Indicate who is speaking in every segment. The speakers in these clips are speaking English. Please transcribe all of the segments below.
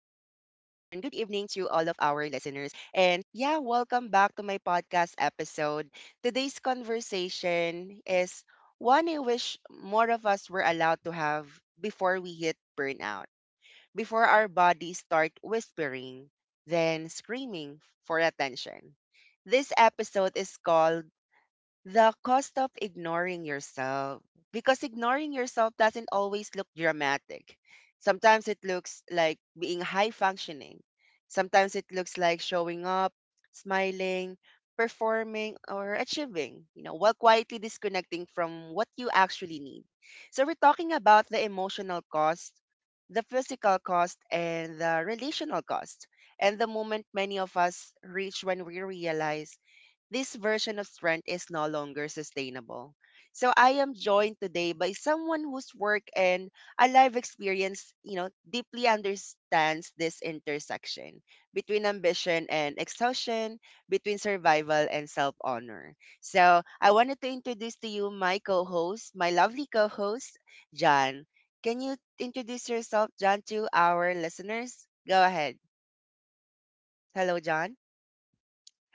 Speaker 1: evening to all of our listeners. And yeah, welcome back to my podcast episode. Today's conversation is one I wish more of us were allowed to have before we hit burnout, before our bodies start whispering, then screaming for attention. This episode is called The Cost of Ignoring Yourself, because ignoring yourself doesn't always look dramatic. Sometimes it looks like being high functioning. Sometimes it looks like showing up, smiling, performing or achieving, you know, while quietly disconnecting from what you actually need. So we're talking about the emotional cost, the physical cost and the relational cost, and the moment many of us reach when we realize this version of strength is no longer sustainable. So I am joined today by someone whose work and a life experience, you know, deeply understands this intersection between ambition and exhaustion, between survival and self-honor. So I wanted to introduce to you my co-host, my lovely co-host, John. Can you introduce yourself, John, to our listeners? Go ahead. Hello, John.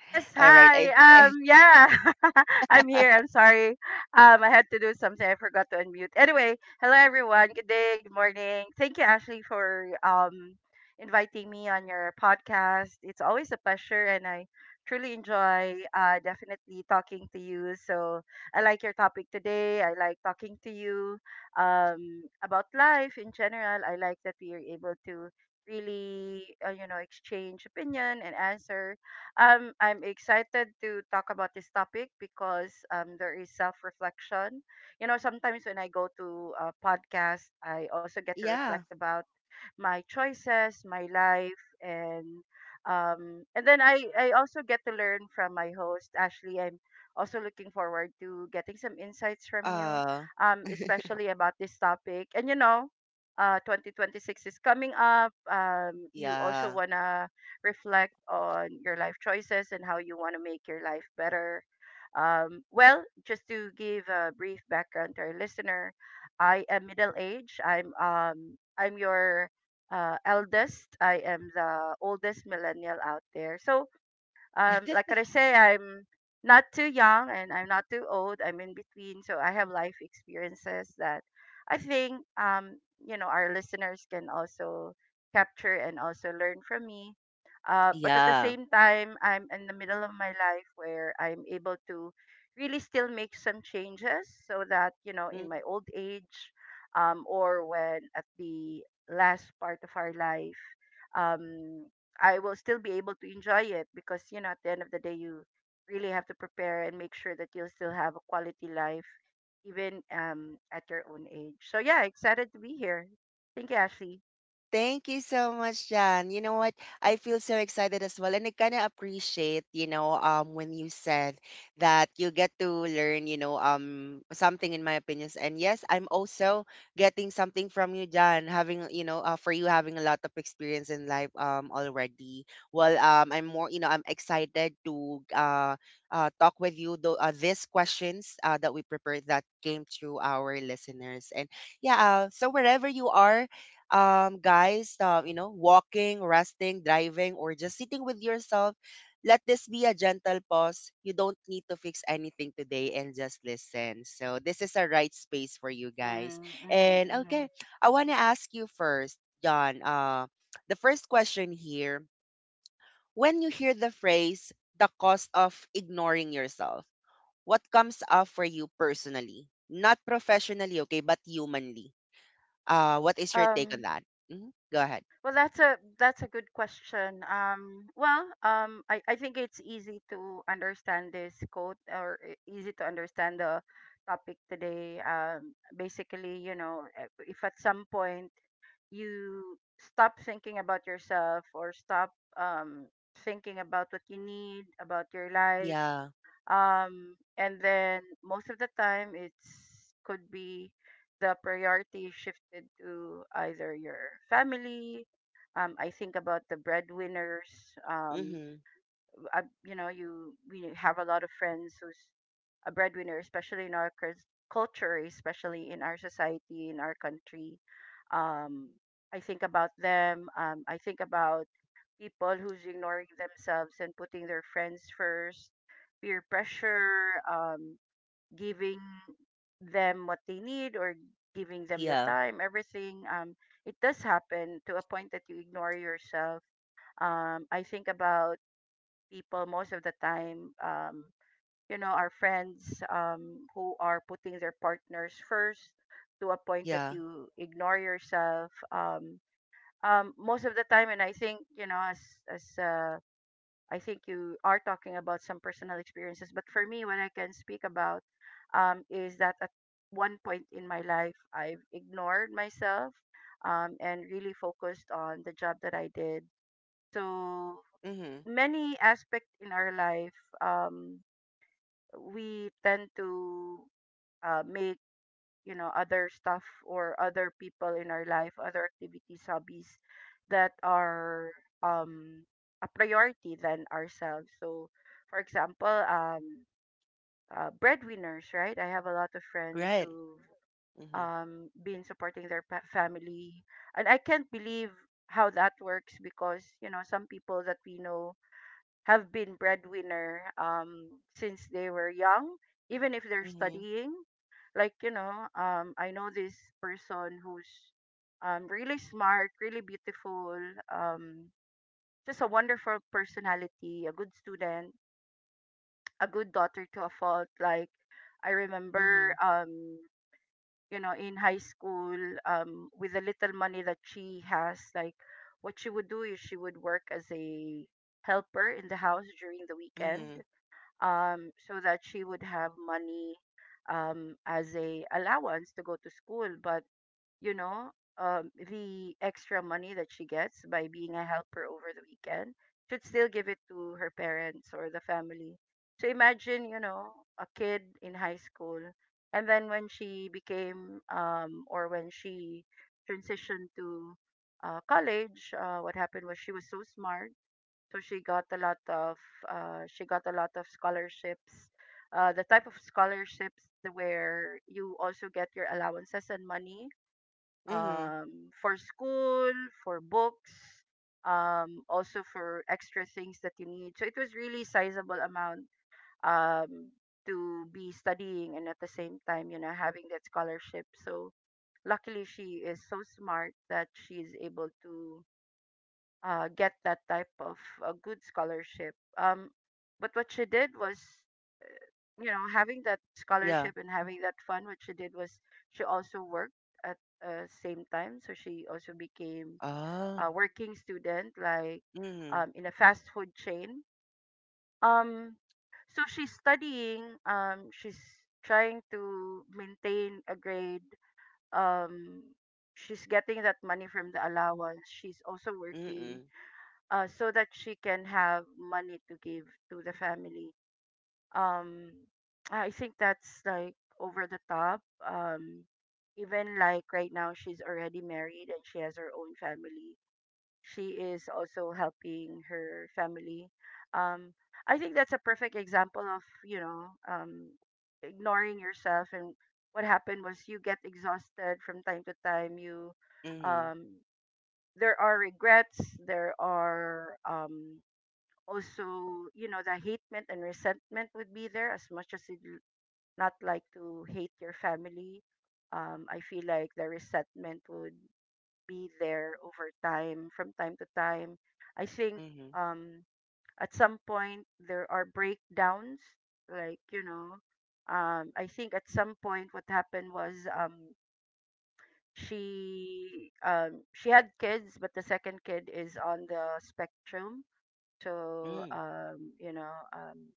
Speaker 2: Yes,
Speaker 1: All right.
Speaker 2: hi.
Speaker 1: I,
Speaker 2: Yeah, I'm here. I'm sorry. I had to do something. I forgot to unmute. Anyway, hello everyone. Good day. Good morning. Thank you, Ashley, for inviting me on your podcast. It's always a pleasure, and I truly enjoy definitely talking to you. So I like your topic today. I like talking to you about life in general. I like that we are able to really exchange opinion and answer I'm excited to talk about this topic because there is self reflection. You know, sometimes when I go to a podcast, I also get to reflect
Speaker 1: yeah.
Speaker 2: about my choices, my life, and then I also get to learn from my host Ashley. I'm also looking forward to getting some insights from you,
Speaker 1: Uh
Speaker 2: especially about this topic. And you know, 2026 is coming up. You also
Speaker 1: Yeah.
Speaker 2: wanna reflect on your life choices and how you wanna make your life better. Well, just to give a brief background to our listener, I am middle age. I'm your eldest. I am the oldest millennial out there. So like I say, I'm not too young and I'm not too old. I'm in between, so I have life experiences that I think you know our listeners can also capture and also learn from me. But at the
Speaker 1: Yeah.
Speaker 2: same time, I'm in the middle of my life where I'm able to really still make some changes so that you know in
Speaker 1: Mm.
Speaker 2: my old age or when at the last part of our life. Um, I will still be able to enjoy it because you know at the end of the day you really have to prepare and make sure that you'll still have a quality life even at your own age. So yeah, excited to be here. Thank you, Ashley.
Speaker 1: Thank you so much, Jan. You know what? I feel so excited as well. And I kind of appreciate, you know, when you said that you get to learn, you know, something in my opinions. And yes, I'm also getting something from you, Jan, having, you know, for you having a lot of experience in life, already. I'm more, you know, I'm excited to, talk with you though, these questions, that we prepared that came through our listeners. And yeah, so wherever you are, guys, you know, walking, resting, driving, or just sitting with yourself, let this be a gentle pause. You don't need to fix anything today and just listen. So, this is a right space for you guys.
Speaker 2: Mm, mhm,
Speaker 1: And okay,
Speaker 2: mhm.
Speaker 1: I want to ask you first, John. The first question here: when you hear the phrase, the cost of ignoring yourself, what comes up for you personally? Not professionally, okay, but humanly. What is your take on
Speaker 2: Um
Speaker 1: that? Hmm. Go ahead.
Speaker 2: well that's a good question. Well, I think it's easy to understand this quote or easy to understand the topic today. Basically, you know, if at some point you stop thinking about yourself or stop um thinking about what you need about your life
Speaker 1: Yeah.
Speaker 2: and then most of the time it's could be the priority shifted to either your family I think about the breadwinners
Speaker 1: Mhm.
Speaker 2: you know you we have a lot of friends who's a breadwinner, especially in our culture, especially in our society, in our country. Um, I think about them. I think about people who's ignoring themselves and putting their friends first, peer pressure, giving them what they need or giving them the
Speaker 1: Yeah.
Speaker 2: time, everything. It does happen to a point that you ignore yourself. I think about people most of the time you know our friends who are putting their partners first to a point that
Speaker 1: Yeah.
Speaker 2: you ignore yourself most of the time and I think you know as I think you are talking about some personal experiences but for me what I can speak about is that at one point in my life I've ignored myself and really focused on the job that I did so
Speaker 1: Mhm.
Speaker 2: many aspect in our life um we tend to make you know other stuff or other people in our life other activities hobbies that are um a priority than ourselves so for example breadwinners right I have a lot of friends
Speaker 1: Right.
Speaker 2: who've
Speaker 1: Mhm.
Speaker 2: been supporting their family and I can't believe how that works because you know some people that we know have been breadwinner since they were young, even if they're
Speaker 1: Mhm.
Speaker 2: studying. Like, you know, I know this person who's really smart, really beautiful, um, just a wonderful personality, a good student, a good daughter to a fault. Like, I remember,
Speaker 1: Mhm.
Speaker 2: you know, in high school, with the little money that she has, like, what she would do is she would work as a helper in the house during the weekend
Speaker 1: Mhm.
Speaker 2: so that she would have money as a allowance to go to school. But you know, the extra money that she gets by being a helper over the weekend should still give it to her parents or the family. So imagine, you know, a kid in high school, and then when she became or when she transitioned to college, what happened was she was so smart so she got a lot of scholarships the type of scholarships where you also get your allowances and money
Speaker 1: Mhm.
Speaker 2: for school for books also for extra things that you need so it was really sizable amount um, to be studying and at the same time you know having that scholarship so luckily she is so smart that she is able to get that type of a good scholarship. But what she did was, you know, having that
Speaker 1: Yeah.
Speaker 2: scholarship and having that fun. What she did was she also worked at same time, so she also became
Speaker 1: Oh.
Speaker 2: a working student, like
Speaker 1: Mhm.
Speaker 2: in a fast food chain. Um, so she's studying. She's trying to maintain a grade. Um, she's getting that money from the allowance. She's also working
Speaker 1: Mhm.
Speaker 2: so that she can have money to give to the family. Um, I think that's like over the top. Um, even like right now, she's already married and she has her own family. She is also helping her family. Um, I think that's a perfect example of you know ignoring yourself and what happened was you get exhausted from time to time. You
Speaker 1: Mhm.
Speaker 2: um, there are regrets, there are also you know the hatement and resentment would be there as much as you would not like to hate your family I feel like the resentment would be there over time from time to time I think
Speaker 1: Mhm.
Speaker 2: um at some point there are breakdowns like you know I think at some point what happened was she had kids but the second kid is on the spectrum so
Speaker 1: Mm.
Speaker 2: you know um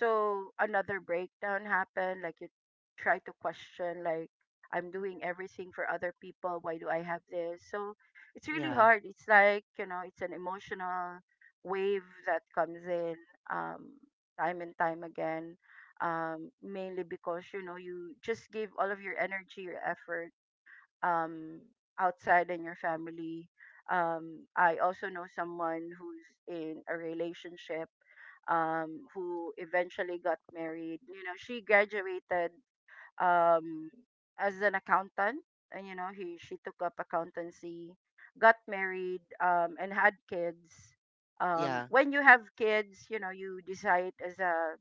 Speaker 2: so another breakdown happened. Like you try to question, like I'm doing everything for other people. Why do I have this? So it's really
Speaker 1: Yeah.
Speaker 2: hard. It's like you know, it's an emotional wave that comes in um, time and time again. Mainly because you know you just gave all of your energy, your effort um, outside in your family. I also know someone who's in a relationship who eventually got married. You know, she graduated um, as an accountant, and you know, he she took up accountancy, got married, and had kids.
Speaker 1: Yeah.
Speaker 2: When you have kids, you know, you decide as a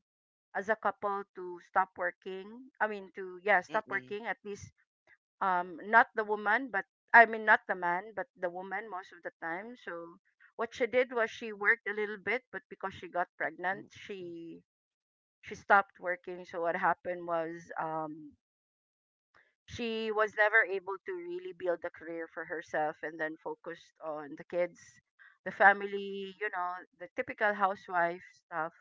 Speaker 2: couple to stop working. I mean, stop
Speaker 1: Mhm.
Speaker 2: working at least not the woman but not the man but the woman most of the time so what she did was she worked a little bit but because she got pregnant
Speaker 1: Mm.
Speaker 2: she stopped working so what happened was she was never able to really build a career for herself and then focused on the kids the family you know the typical housewife stuff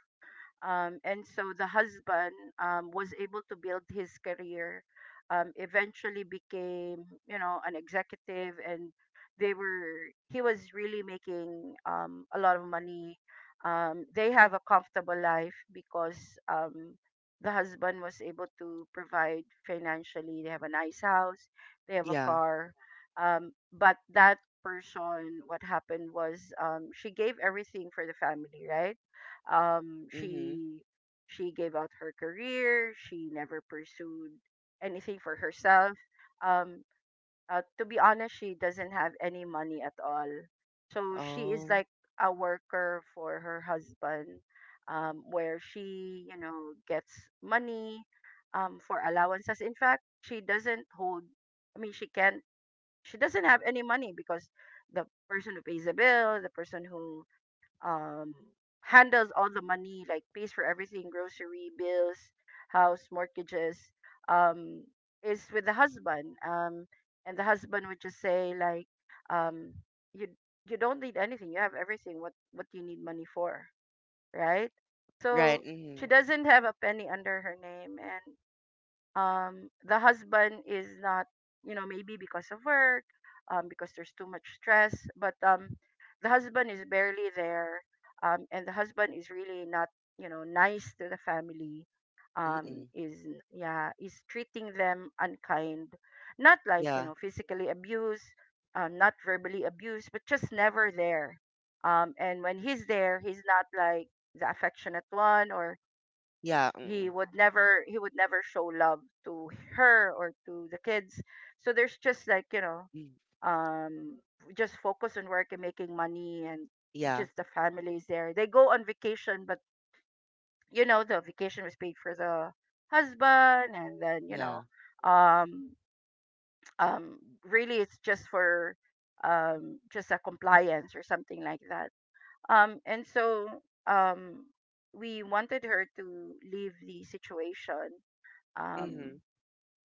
Speaker 2: and so the husband was able to build his career, eventually became, you know, an executive and he was really making a lot of money. They have a comfortable life because um, the husband was able to provide financially. They have a nice house, they have a
Speaker 1: Yeah.
Speaker 2: car. But that person, what happened was she gave everything for the family, right? um
Speaker 1: Mhm.
Speaker 2: she she gave out her career. She never pursued anything for herself. um to be honest, she doesn't have any money at all, so she is
Speaker 1: Oh.
Speaker 2: like a worker for her husband, where she, you know, gets money for allowances. In fact, she doesn't hold, I mean, she can't, she doesn't have any money because the person who pays the bill, the person who um handles all the money, like pays for everything, grocery bills, house mortgages, um is with the husband. And the husband would just say, like, um you you don't need anything, you have everything, what do you need money for, right? So
Speaker 1: Right.
Speaker 2: she
Speaker 1: Mhm.
Speaker 2: doesn't have a penny under her name. And the husband is not, you know, maybe because of work, because there's too much stress, but the husband is barely there. And the husband is really not, you know, nice to the family.
Speaker 1: Mhm.
Speaker 2: Is, yeah, is treating them unkind. Not like, you know,
Speaker 1: Yeah.
Speaker 2: physically abuse, not verbally abuse, but just never there. And when he's there, he's not like the affectionate one, or
Speaker 1: Yeah. Mhm.
Speaker 2: he would never show love to her or to the kids. So there's just, like, you know,
Speaker 1: Mm.
Speaker 2: um just focus on work and making money, and
Speaker 1: Yeah.
Speaker 2: just the families there, they go on vacation, but you know, the vacation was paid for the husband, and then, you know,
Speaker 1: Yeah.
Speaker 2: um um really it's just for just a compliance or something like that. And so, um we wanted her to leave the situation, um
Speaker 1: Mhm.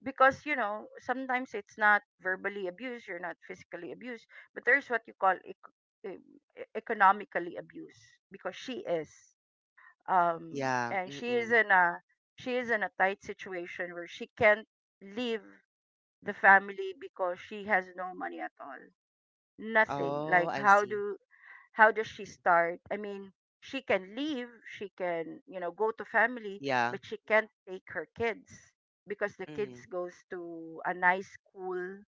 Speaker 2: because, you know, sometimes it's not verbally abused, you're not physically abused, but there's what you call e- economically abused, because she is,
Speaker 1: Yeah.
Speaker 2: and
Speaker 1: Mhm.
Speaker 2: she is in a tight situation where she can't leave the family because she has no money at all, nothing.
Speaker 1: Oh,
Speaker 2: Like,
Speaker 1: I see.
Speaker 2: how does she start? I mean, she can leave, she can, you know, go to family,
Speaker 1: Yeah.
Speaker 2: but she can't take her kids because the kids
Speaker 1: Mhm.
Speaker 2: goes to a nice school,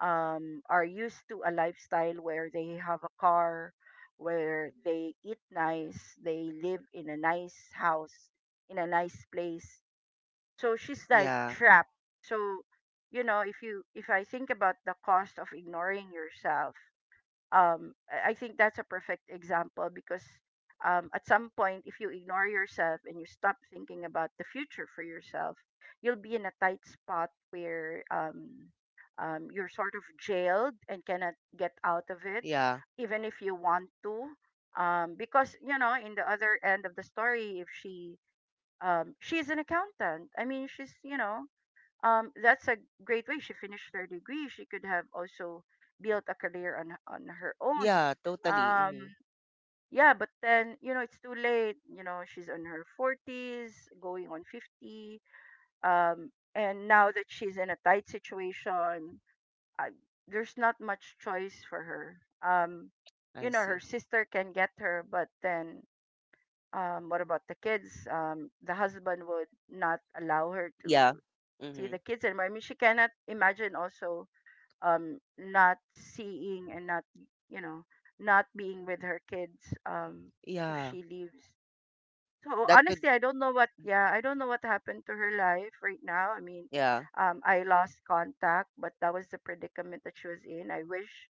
Speaker 2: are used to a lifestyle where they have a car, where they eat nice, they live in a nice house, in a nice place. So she's like
Speaker 1: Yeah.
Speaker 2: trapped. So, you know, if I think about the cost of ignoring yourself, I think that's a perfect example, because at some point, if you ignore yourself and you stop thinking about the future for yourself, you'll be in a tight spot where, you're sort of jailed and cannot get out of it,
Speaker 1: Yeah.
Speaker 2: even if you want to, because you know, in the other end of the story, if she, she's an accountant, I mean, she's, you know, that's a great way, she finished her degree, she could have also built a career on her own.
Speaker 1: Yeah. Totally.
Speaker 2: um
Speaker 1: Mhm.
Speaker 2: yeah, but then, you know, it's too late. You know, she's in her 40s going on 50, and now that she's in a tight situation, I, there's not much choice for her. um you
Speaker 1: I
Speaker 2: know, her
Speaker 1: see.
Speaker 2: sister can get her, but then, what about the kids? The husband would not allow her to
Speaker 1: Yeah.
Speaker 2: see
Speaker 1: Mm-hmm.
Speaker 2: the kids anymore. I mean, she cannot imagine also not seeing and not, you know, not being with her kids, if
Speaker 1: Yeah.
Speaker 2: she leaves. So
Speaker 1: That could,
Speaker 2: honestly, I don't know what yeah, I don't know what happened to her life right now. I mean,
Speaker 1: yeah.
Speaker 2: I lost contact, but that was the predicament that she was in. I wish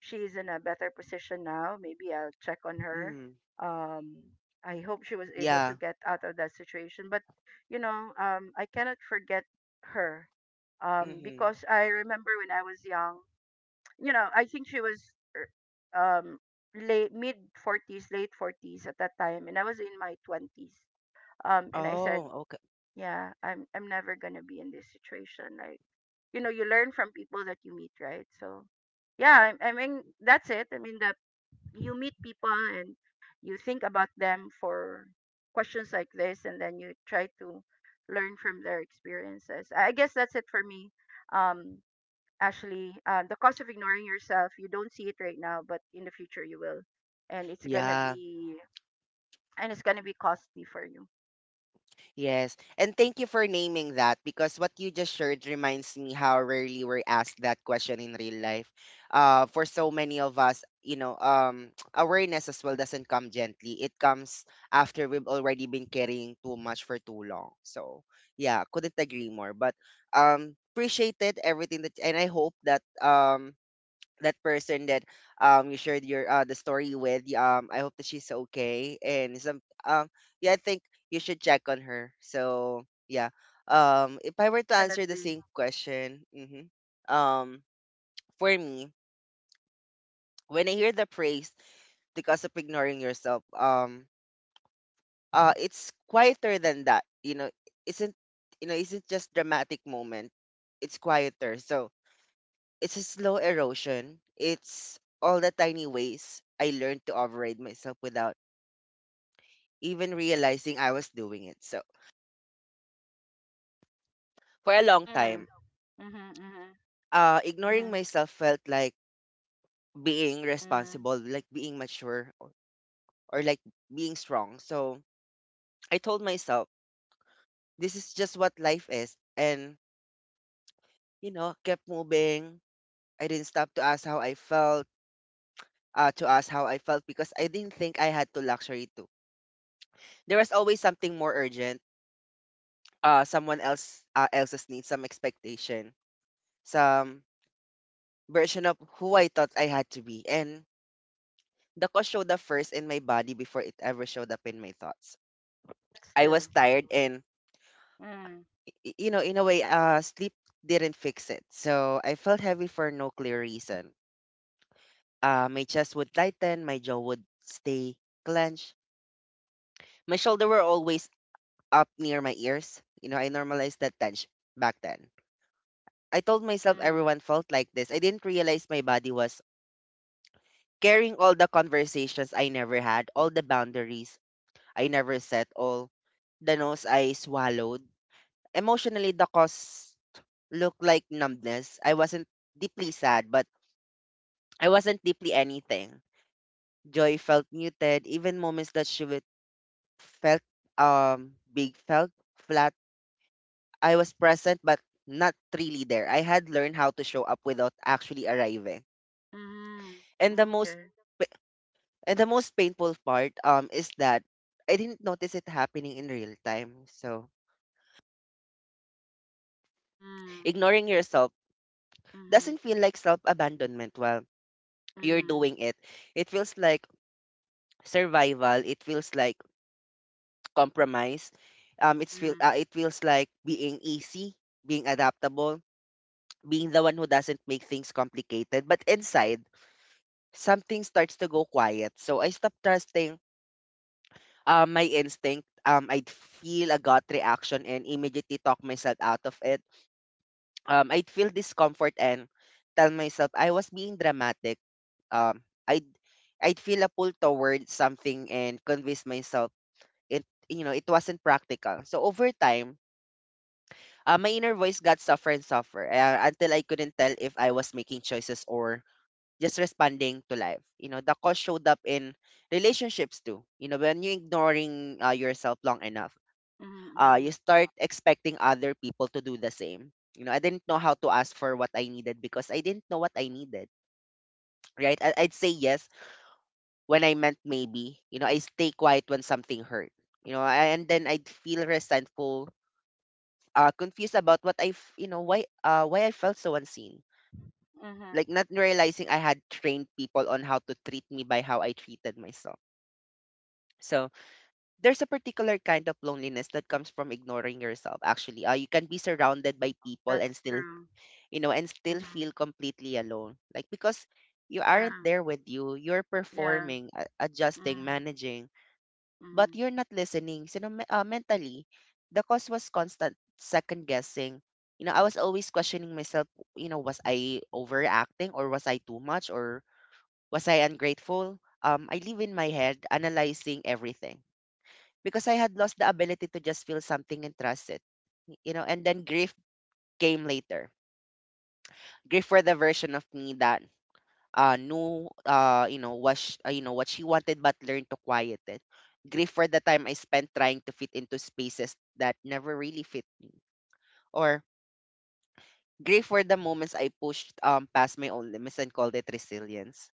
Speaker 2: she's in a better position now. Maybe I'll check on her.
Speaker 1: Mm.
Speaker 2: Um, I hope she was able to
Speaker 1: Yeah.
Speaker 2: get out of that situation. But, you know, I cannot forget her,
Speaker 1: Mm-hmm.
Speaker 2: because I remember when I was young. You know, I think she was er, um, late mid late 40s at that time, and I was in my 20s. And I said,
Speaker 1: Oh, okay.
Speaker 2: "Yeah, I'm never gonna be in this situation." Like, you know, you learn from people that you meet, right? So yeah, I mean, that's it. I mean, the you meet people and you think about them for questions like this, and then you try to learn from their experiences. I guess that's it for me. um Actually, the cost of ignoring yourself, you don't see it right now, but in the future you will. And
Speaker 1: Yeah.
Speaker 2: it's gonna be costly for you.
Speaker 1: Yes. And thank you for naming that, because what you just shared reminds me how rarely we're asked that question in real life. For so many of us, you know, awareness as well doesn't come gently. It comes after we've already been carrying too much for too long. So, yeah, couldn't agree more. But appreciated everything that, and I hope that that person that you shared your the story with y- I hope that she's okay and some yeah I think you should check on her so yeah if I were to answer the
Speaker 2: Definitely.
Speaker 1: same question mhm, um for me when I hear the praise because of ignoring yourself it's quieter than that, you know. Isn't You know, isn't just dramatic moment, it's quieter. So it's a slow erosion. It's all the tiny ways I learned to override myself without even realizing I was doing it. So for a
Speaker 2: Mm,
Speaker 1: long
Speaker 2: mm-hmm,
Speaker 1: time,
Speaker 2: mm-hmm,
Speaker 1: ignoring
Speaker 2: mm-hmm,
Speaker 1: myself felt like being
Speaker 2: mm.
Speaker 1: responsible, like being mature, or like being strong. So I told myself, this is just what life is. And, you know, kept moving. I didn't stop to ask how I felt, To ask how I felt because I didn't think I had to luxury too. There was always something more urgent, someone else's needs, some expectation, some version of who I thought I had to be. And the cause showed up first in my body before it ever showed up in my thoughts.
Speaker 2: That's
Speaker 1: I was
Speaker 2: true.
Speaker 1: tired and
Speaker 2: Mm,
Speaker 1: you know, in a way, sleep didn't fix it. So I felt heavy for no clear reason. My chest would tighten, my jaw would stay clenched. My shoulder were always up near my ears. You know, I normalized that tension back then. I told myself
Speaker 2: mm,
Speaker 1: everyone felt like this. I didn't realize my body was carrying all the conversations I never had, all the boundaries I never set, all the nose I swallowed. Emotionally, the cause looked like numbness. I wasn't deeply sad, but I wasn't deeply anything. Joy felt muted. Even moments that she would felt big felt flat. I was present, but not really there. I had learned how to show up without actually arriving.
Speaker 2: mm,
Speaker 1: And the most
Speaker 2: okay.
Speaker 1: And the most painful part is that I didn't notice it happening in real time. So
Speaker 2: Mm,
Speaker 1: ignoring yourself
Speaker 2: mm,
Speaker 1: doesn't feel like self abandonment while you're
Speaker 2: mm.
Speaker 1: doing it. It feels like survival. It feels like compromise.
Speaker 2: Mm,
Speaker 1: It feels like being easy, being adaptable, being the one who doesn't make things complicated. But inside, something starts to go quiet. So I stopped trusting my instinct. I'd feel a gut reaction and immediately talk myself out of it. I'd feel discomfort and tell myself I was being dramatic. Um, I'd I'd feel a pull towards something and convince myself it you know it wasn't practical. So over time, my inner voice got softer and softer until I couldn't tell if I was making choices or just responding to life. You know, the cost showed up in relationships too. You know, when you're ignoring yourself long enough,
Speaker 2: mm,
Speaker 1: you
Speaker 2: mm,
Speaker 1: start expecting other people to do the same. You know, I didn't know how to ask for what I needed because I didn't know what I needed, right? I'd say yes when I meant maybe. You know, I stay quiet when something hurt. You know, and then I'd feel resentful, confused about what I, you know, why I felt so unseen.
Speaker 2: mm,
Speaker 1: Like not realizing I had trained people on how to treat me by how I treated myself. So there's a particular kind of loneliness that comes from ignoring yourself. Actually, you can be surrounded by people and
Speaker 2: that's
Speaker 1: still
Speaker 2: true.
Speaker 1: and still feel
Speaker 2: Mm,
Speaker 1: completely alone. Like because you aren't
Speaker 2: yeah,
Speaker 1: there with you, you're
Speaker 2: yeah.
Speaker 1: performing, adjusting,
Speaker 2: Mm,
Speaker 1: managing, but
Speaker 2: mm,
Speaker 1: you're not listening. So, you know, mentally, the cause was constant second guessing. You know, I was always questioning myself, you know, was I overacting, or was I too much, or was I ungrateful? I live in my head analyzing everything because I had lost the ability to just feel something and trust it. You know, and then grief came later. Grief for the version of me that knew you know what you know what she wanted but learned to quiet it. Grief for the time I spent trying to fit into spaces that never really fit me, or grief for the moments I pushed past my own limits and called it resilience.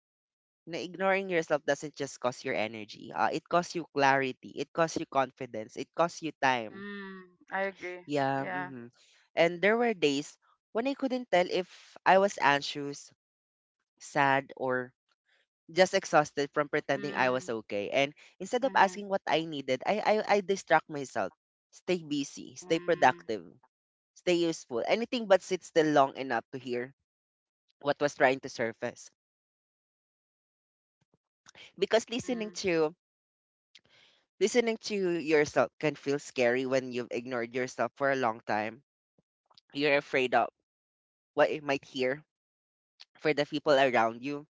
Speaker 1: Na, ignoring yourself doesn't just cost your energy. It costs you clarity, it costs you confidence, it costs you time.
Speaker 2: mm, I agree.
Speaker 1: Yeah.
Speaker 2: Yeah.
Speaker 1: Hmm. And there were days when I couldn't tell if I was anxious, sad, or just exhausted from pretending I was
Speaker 2: Mm,
Speaker 1: okay. And instead of
Speaker 2: mm,
Speaker 1: asking what I needed, I distract myself. Stay busy, stay
Speaker 2: mm,
Speaker 1: productive, stay useful. Anything but sit still long enough to hear what was trying to surface. Because
Speaker 2: mm,
Speaker 1: listening to yourself can feel scary when you've ignored yourself for a long time. You're afraid of what you might hear for the people around you.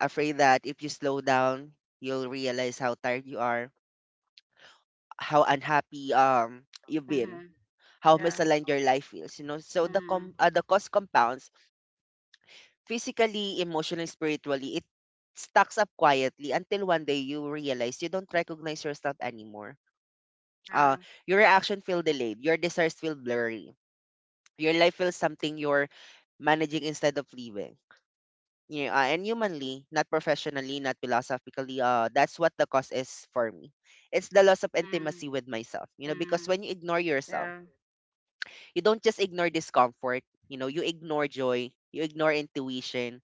Speaker 1: Afraid that if you slow down, you'll realize how tired you are, how unhappy you've been,
Speaker 2: mm,
Speaker 1: how
Speaker 2: yeah.
Speaker 1: misaligned your life feels, you know. So
Speaker 2: Mm,
Speaker 1: the cost compounds physically, emotionally, spiritually. It stacks up quietly until one day you realize you don't recognize yourself anymore. Uh,
Speaker 2: yeah.
Speaker 1: your reaction feel delayed. Your desires feel blurry. Your life feels something you're managing instead of living. You know, and humanly, not professionally, not philosophically, that's what the cost is for me. It's the loss of
Speaker 2: Mm,
Speaker 1: intimacy with myself. You know, because
Speaker 2: mm,
Speaker 1: when you ignore yourself,
Speaker 2: yeah.
Speaker 1: you don't just ignore discomfort, you know, you ignore joy, you ignore intuition,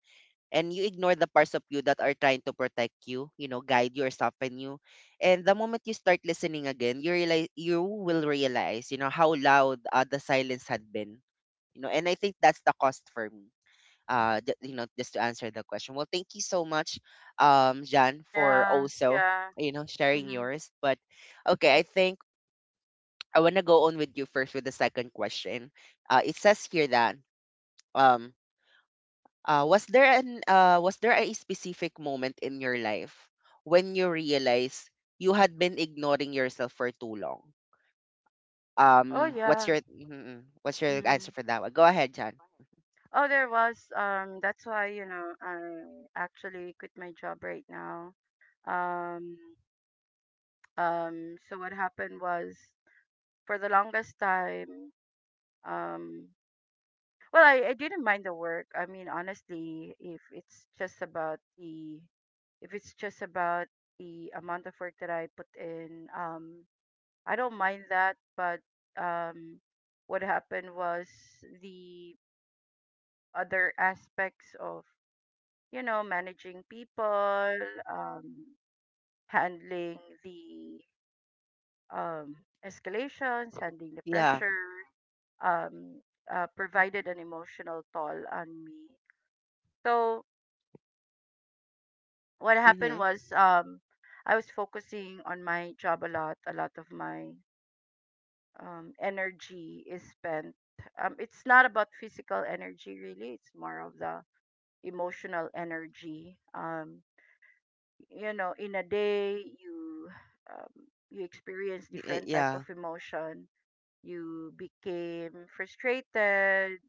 Speaker 1: and you ignore the parts of you that are trying to protect you, you know, guide you or soften you. And the moment you start listening again, you will realize, you know, how loud the silence had been. You know, and I think that's the cost for me. You know, just to answer the question. Well, thank you so much, Jan, for
Speaker 2: Yeah,
Speaker 1: also
Speaker 2: yeah.
Speaker 1: you know sharing
Speaker 2: Mm-hmm.
Speaker 1: yours. But okay, I think I want to go on with you first with the second question. It says here that um, was there an was there a specific moment in your life when you realized you had been ignoring yourself for too long?
Speaker 2: Oh,
Speaker 1: What's
Speaker 2: yeah.
Speaker 1: your what's your
Speaker 2: Mm.
Speaker 1: answer for that one? Go ahead, John.
Speaker 2: Oh, there was. That's why, you know, I actually quit my job right now. Um, so what happened was, for the longest time, um, well, I didn't mind the work. I mean, honestly, if it's just about the if it's just about the amount of work that I put in, I don't mind that. But, um, what happened was the other aspects of, you know, managing people, um, handling the um, escalations, handling the
Speaker 1: Yeah.
Speaker 2: pressure, um, provided an emotional toll on me. So what happened
Speaker 1: Mm-hmm.
Speaker 2: was, I was focusing on my job a lot. A lot of my, energy is spent. It's not about physical energy, really. It's more of the emotional energy. You know, in a day, you, um, you experience different type of
Speaker 1: Yeah.
Speaker 2: emotion. You became frustrated,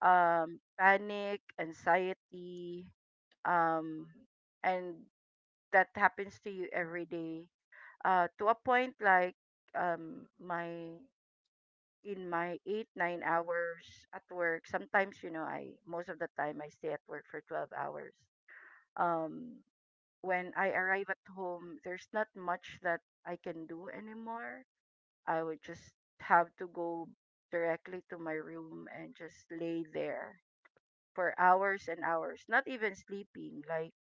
Speaker 2: panic, anxiety, um, and that happens to you every day. To a point, like, my in my 8-9 hours at work. Sometimes, you know, I most of the time I stay at work for 12 hours. Um, when I arrive at home, there's not much that I can do anymore. I would just have to go directly to my room and just lay there for hours and hours, not even sleeping. Like,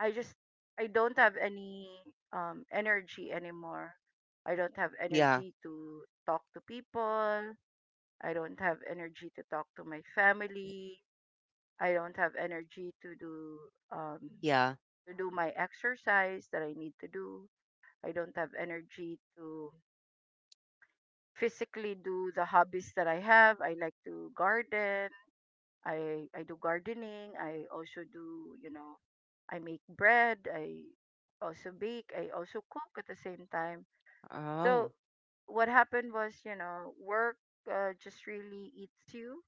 Speaker 2: I just I don't have any energy anymore. I don't have
Speaker 1: Yeah.
Speaker 2: energy to talk to people. I don't have energy to talk to my family. I don't have energy to do, um
Speaker 1: Yeah.
Speaker 2: to do my exercise that I need to do. I don't have energy to physically do the hobbies that I have. I like to garden. I do gardening. I also do, you know, I make bread. I also bake. I also cook at the same time. So
Speaker 1: Oh.
Speaker 2: what happened was, you know, work, just really eats you.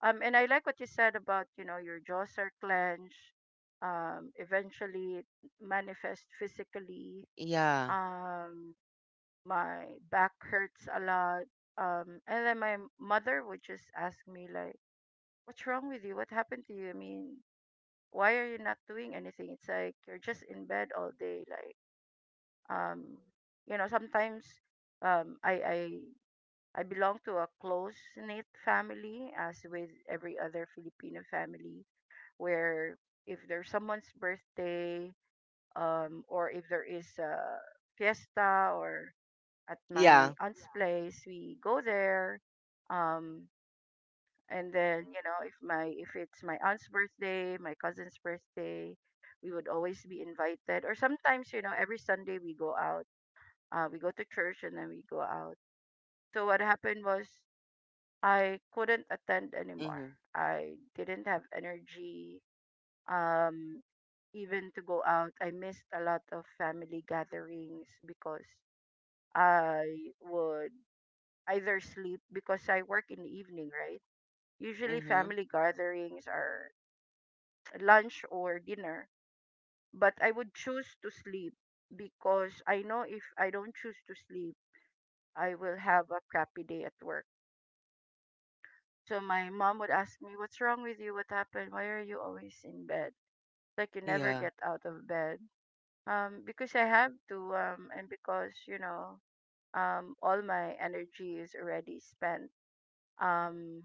Speaker 2: And I like what you said about, you know, your jaws are clenched. Eventually, it manifests physically.
Speaker 1: Yeah.
Speaker 2: Um, my back hurts a lot. And then my mother would just ask me, like, "What's wrong with you? What happened to you? I mean, why are you not doing anything? It's like you're just in bed all day." Like, um, you know, sometimes, um, I I I belong to a close knit family, as with every other Filipino family, where if there's someone's birthday, or if there is a fiesta, or at my
Speaker 1: Yeah.
Speaker 2: aunt's place, we go there, um, and then, you know, if it's my aunt's birthday, my cousin's birthday, we would always be invited. Or sometimes, you know, every Sunday we go out. We go to church and then we go out. So what happened was, I couldn't attend anymore.
Speaker 1: Mm-hmm.
Speaker 2: I didn't have energy. Um, Even to go out, I missed a lot of family gatherings because I would either sleep, because I work in the evening, right? Usually
Speaker 1: Mm-hmm.
Speaker 2: family gatherings are lunch or dinner, but I would choose to sleep, because I know if I don't choose to sleep, I will have a crappy day at work. So my mom would ask me, "What's wrong with you? What happened? Why are you always in bed? Like, you never
Speaker 1: Yeah.
Speaker 2: get out of bed." Because I have to, and because, you know, all my energy is already spent, um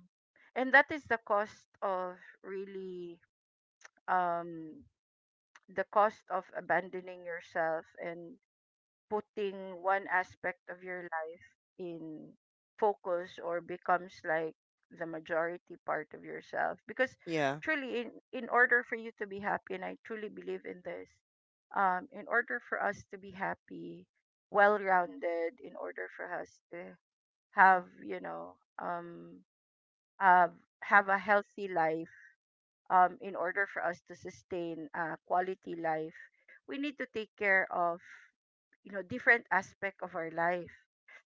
Speaker 2: and that is the cost of, really, um the cost of abandoning yourself and putting one aspect of your life in focus, or becomes like the majority part of yourself, because
Speaker 1: Yeah.
Speaker 2: truly, in order for you to be happy, and I truly believe in this, in order for us to be happy, well rounded, in order for us to have, you know, um um, have a healthy life, in order for us to sustain a quality life, we need to take care of, you know, different aspect of our life.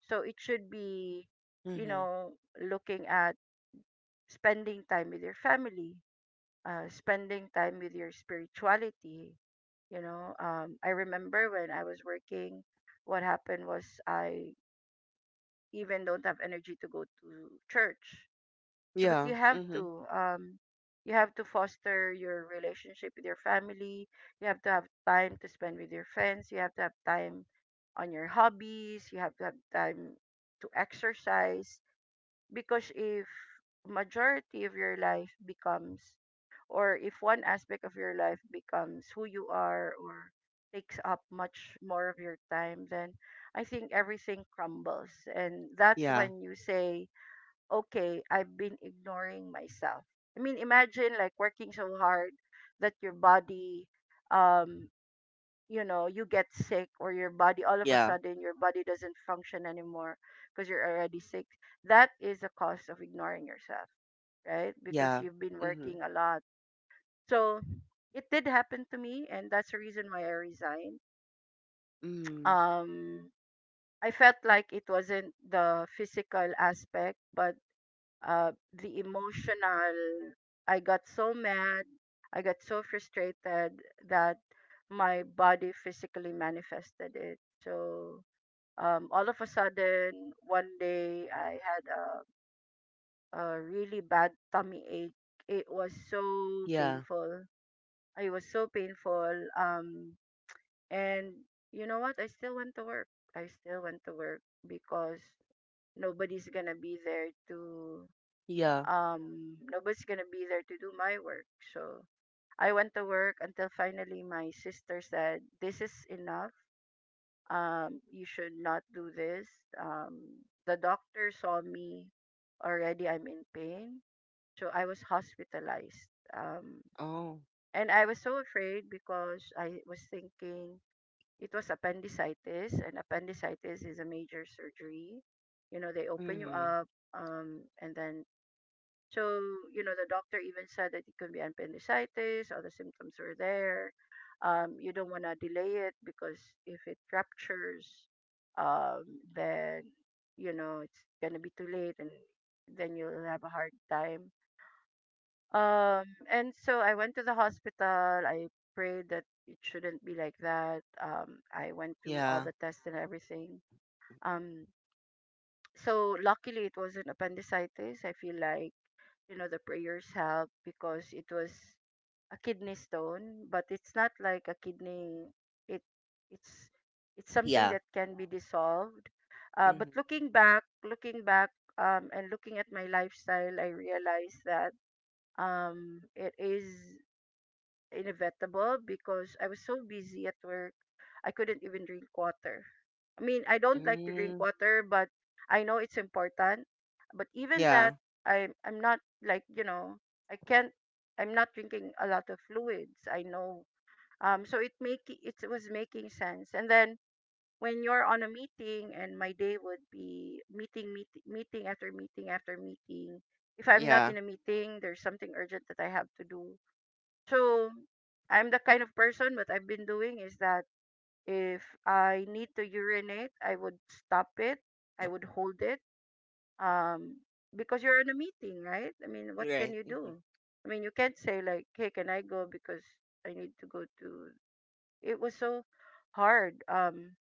Speaker 2: So it should be, you
Speaker 1: Mm-hmm.
Speaker 2: know, looking at spending time with your family, spending time with your spirituality. You know, I remember when I was working, what happened was I even don't have energy to go to church. So, but
Speaker 1: Yeah. Mm-hmm.
Speaker 2: you have to foster your relationship with your family. You have to have time to spend with your friends. You have to have time on your hobbies. You have to have time to exercise. Because if majority of your life becomes, or if one aspect of your life becomes who you are or takes up much more of your time, then I think everything crumbles. And that's
Speaker 1: Yeah.
Speaker 2: when you say, okay, I've been ignoring myself. I mean, imagine, like, working so hard that your body, um, you know, you get sick, or your body, all of a
Speaker 1: Yeah.
Speaker 2: sudden, your body doesn't function anymore because you're already sick. That is a cause of ignoring yourself, right? Because
Speaker 1: Yeah.
Speaker 2: you've been
Speaker 1: Mm-hmm.
Speaker 2: working a lot. So it did happen to me, and that's the reason why I resigned.
Speaker 1: Mm.
Speaker 2: Um, I felt like it wasn't the physical aspect, but the emotional. I got so mad, I got so frustrated, that my body physically manifested it. So, all of a sudden, one day I had a really bad tummy ache. It was so
Speaker 1: Yeah.
Speaker 2: painful. It was so painful. And you know what? I still went to work. I still went to work because nobody's gonna be there to
Speaker 1: Yeah.
Speaker 2: um nobody's gonna be there to do my work. So I went to work until finally my sister said, "This is enough. You should not do this." Um the doctor saw me. Already I'm in pain, so I was hospitalized. um
Speaker 1: Oh.
Speaker 2: and I was so afraid because I was thinking it was appendicitis, and appendicitis is a major surgery. You know, they open you
Speaker 1: Mm.
Speaker 2: up. And then, so, you know, the doctor even said that it could be appendicitis, all the symptoms are there. You don't want to delay it because if it ruptures, um, then, you know, it's going to be too late, and then you'll have a hard time. And so I went to the hospital. I prayed that it shouldn't be like that. I went to all
Speaker 1: Yeah.
Speaker 2: the tests and everything. Um, so luckily it wasn't appendicitis. I feel like, you know, the prayers help because it was a kidney stone. But it's not like a kidney, it it's it's something
Speaker 1: Yeah.
Speaker 2: that can be dissolved. But
Speaker 1: Mm.
Speaker 2: looking back, and looking at my lifestyle, I realized that, it is inevitable because I was so busy at work, I couldn't even drink water. I mean, I don't like to drink
Speaker 1: Mm.
Speaker 2: water, but I know it's important. But even
Speaker 1: Yeah.
Speaker 2: that, I'm not like, you know, I can't. I'm not drinking a lot of fluids, I know. So it make it was making sense. And then when you're on a meeting, and my day would be meeting, meeting, meeting after meeting after meeting. If I'm not
Speaker 1: Yeah.
Speaker 2: in a meeting, there's something urgent that I have to do. So I'm the kind of person, what I've been doing is that if I need to urinate, I would stop it. I would hold it. Um because you're in a meeting, right? I mean, what
Speaker 1: You're
Speaker 2: can
Speaker 1: right.
Speaker 2: you do? I mean, you can't say like, "Hey, can I go because I need to go to." It was so hard.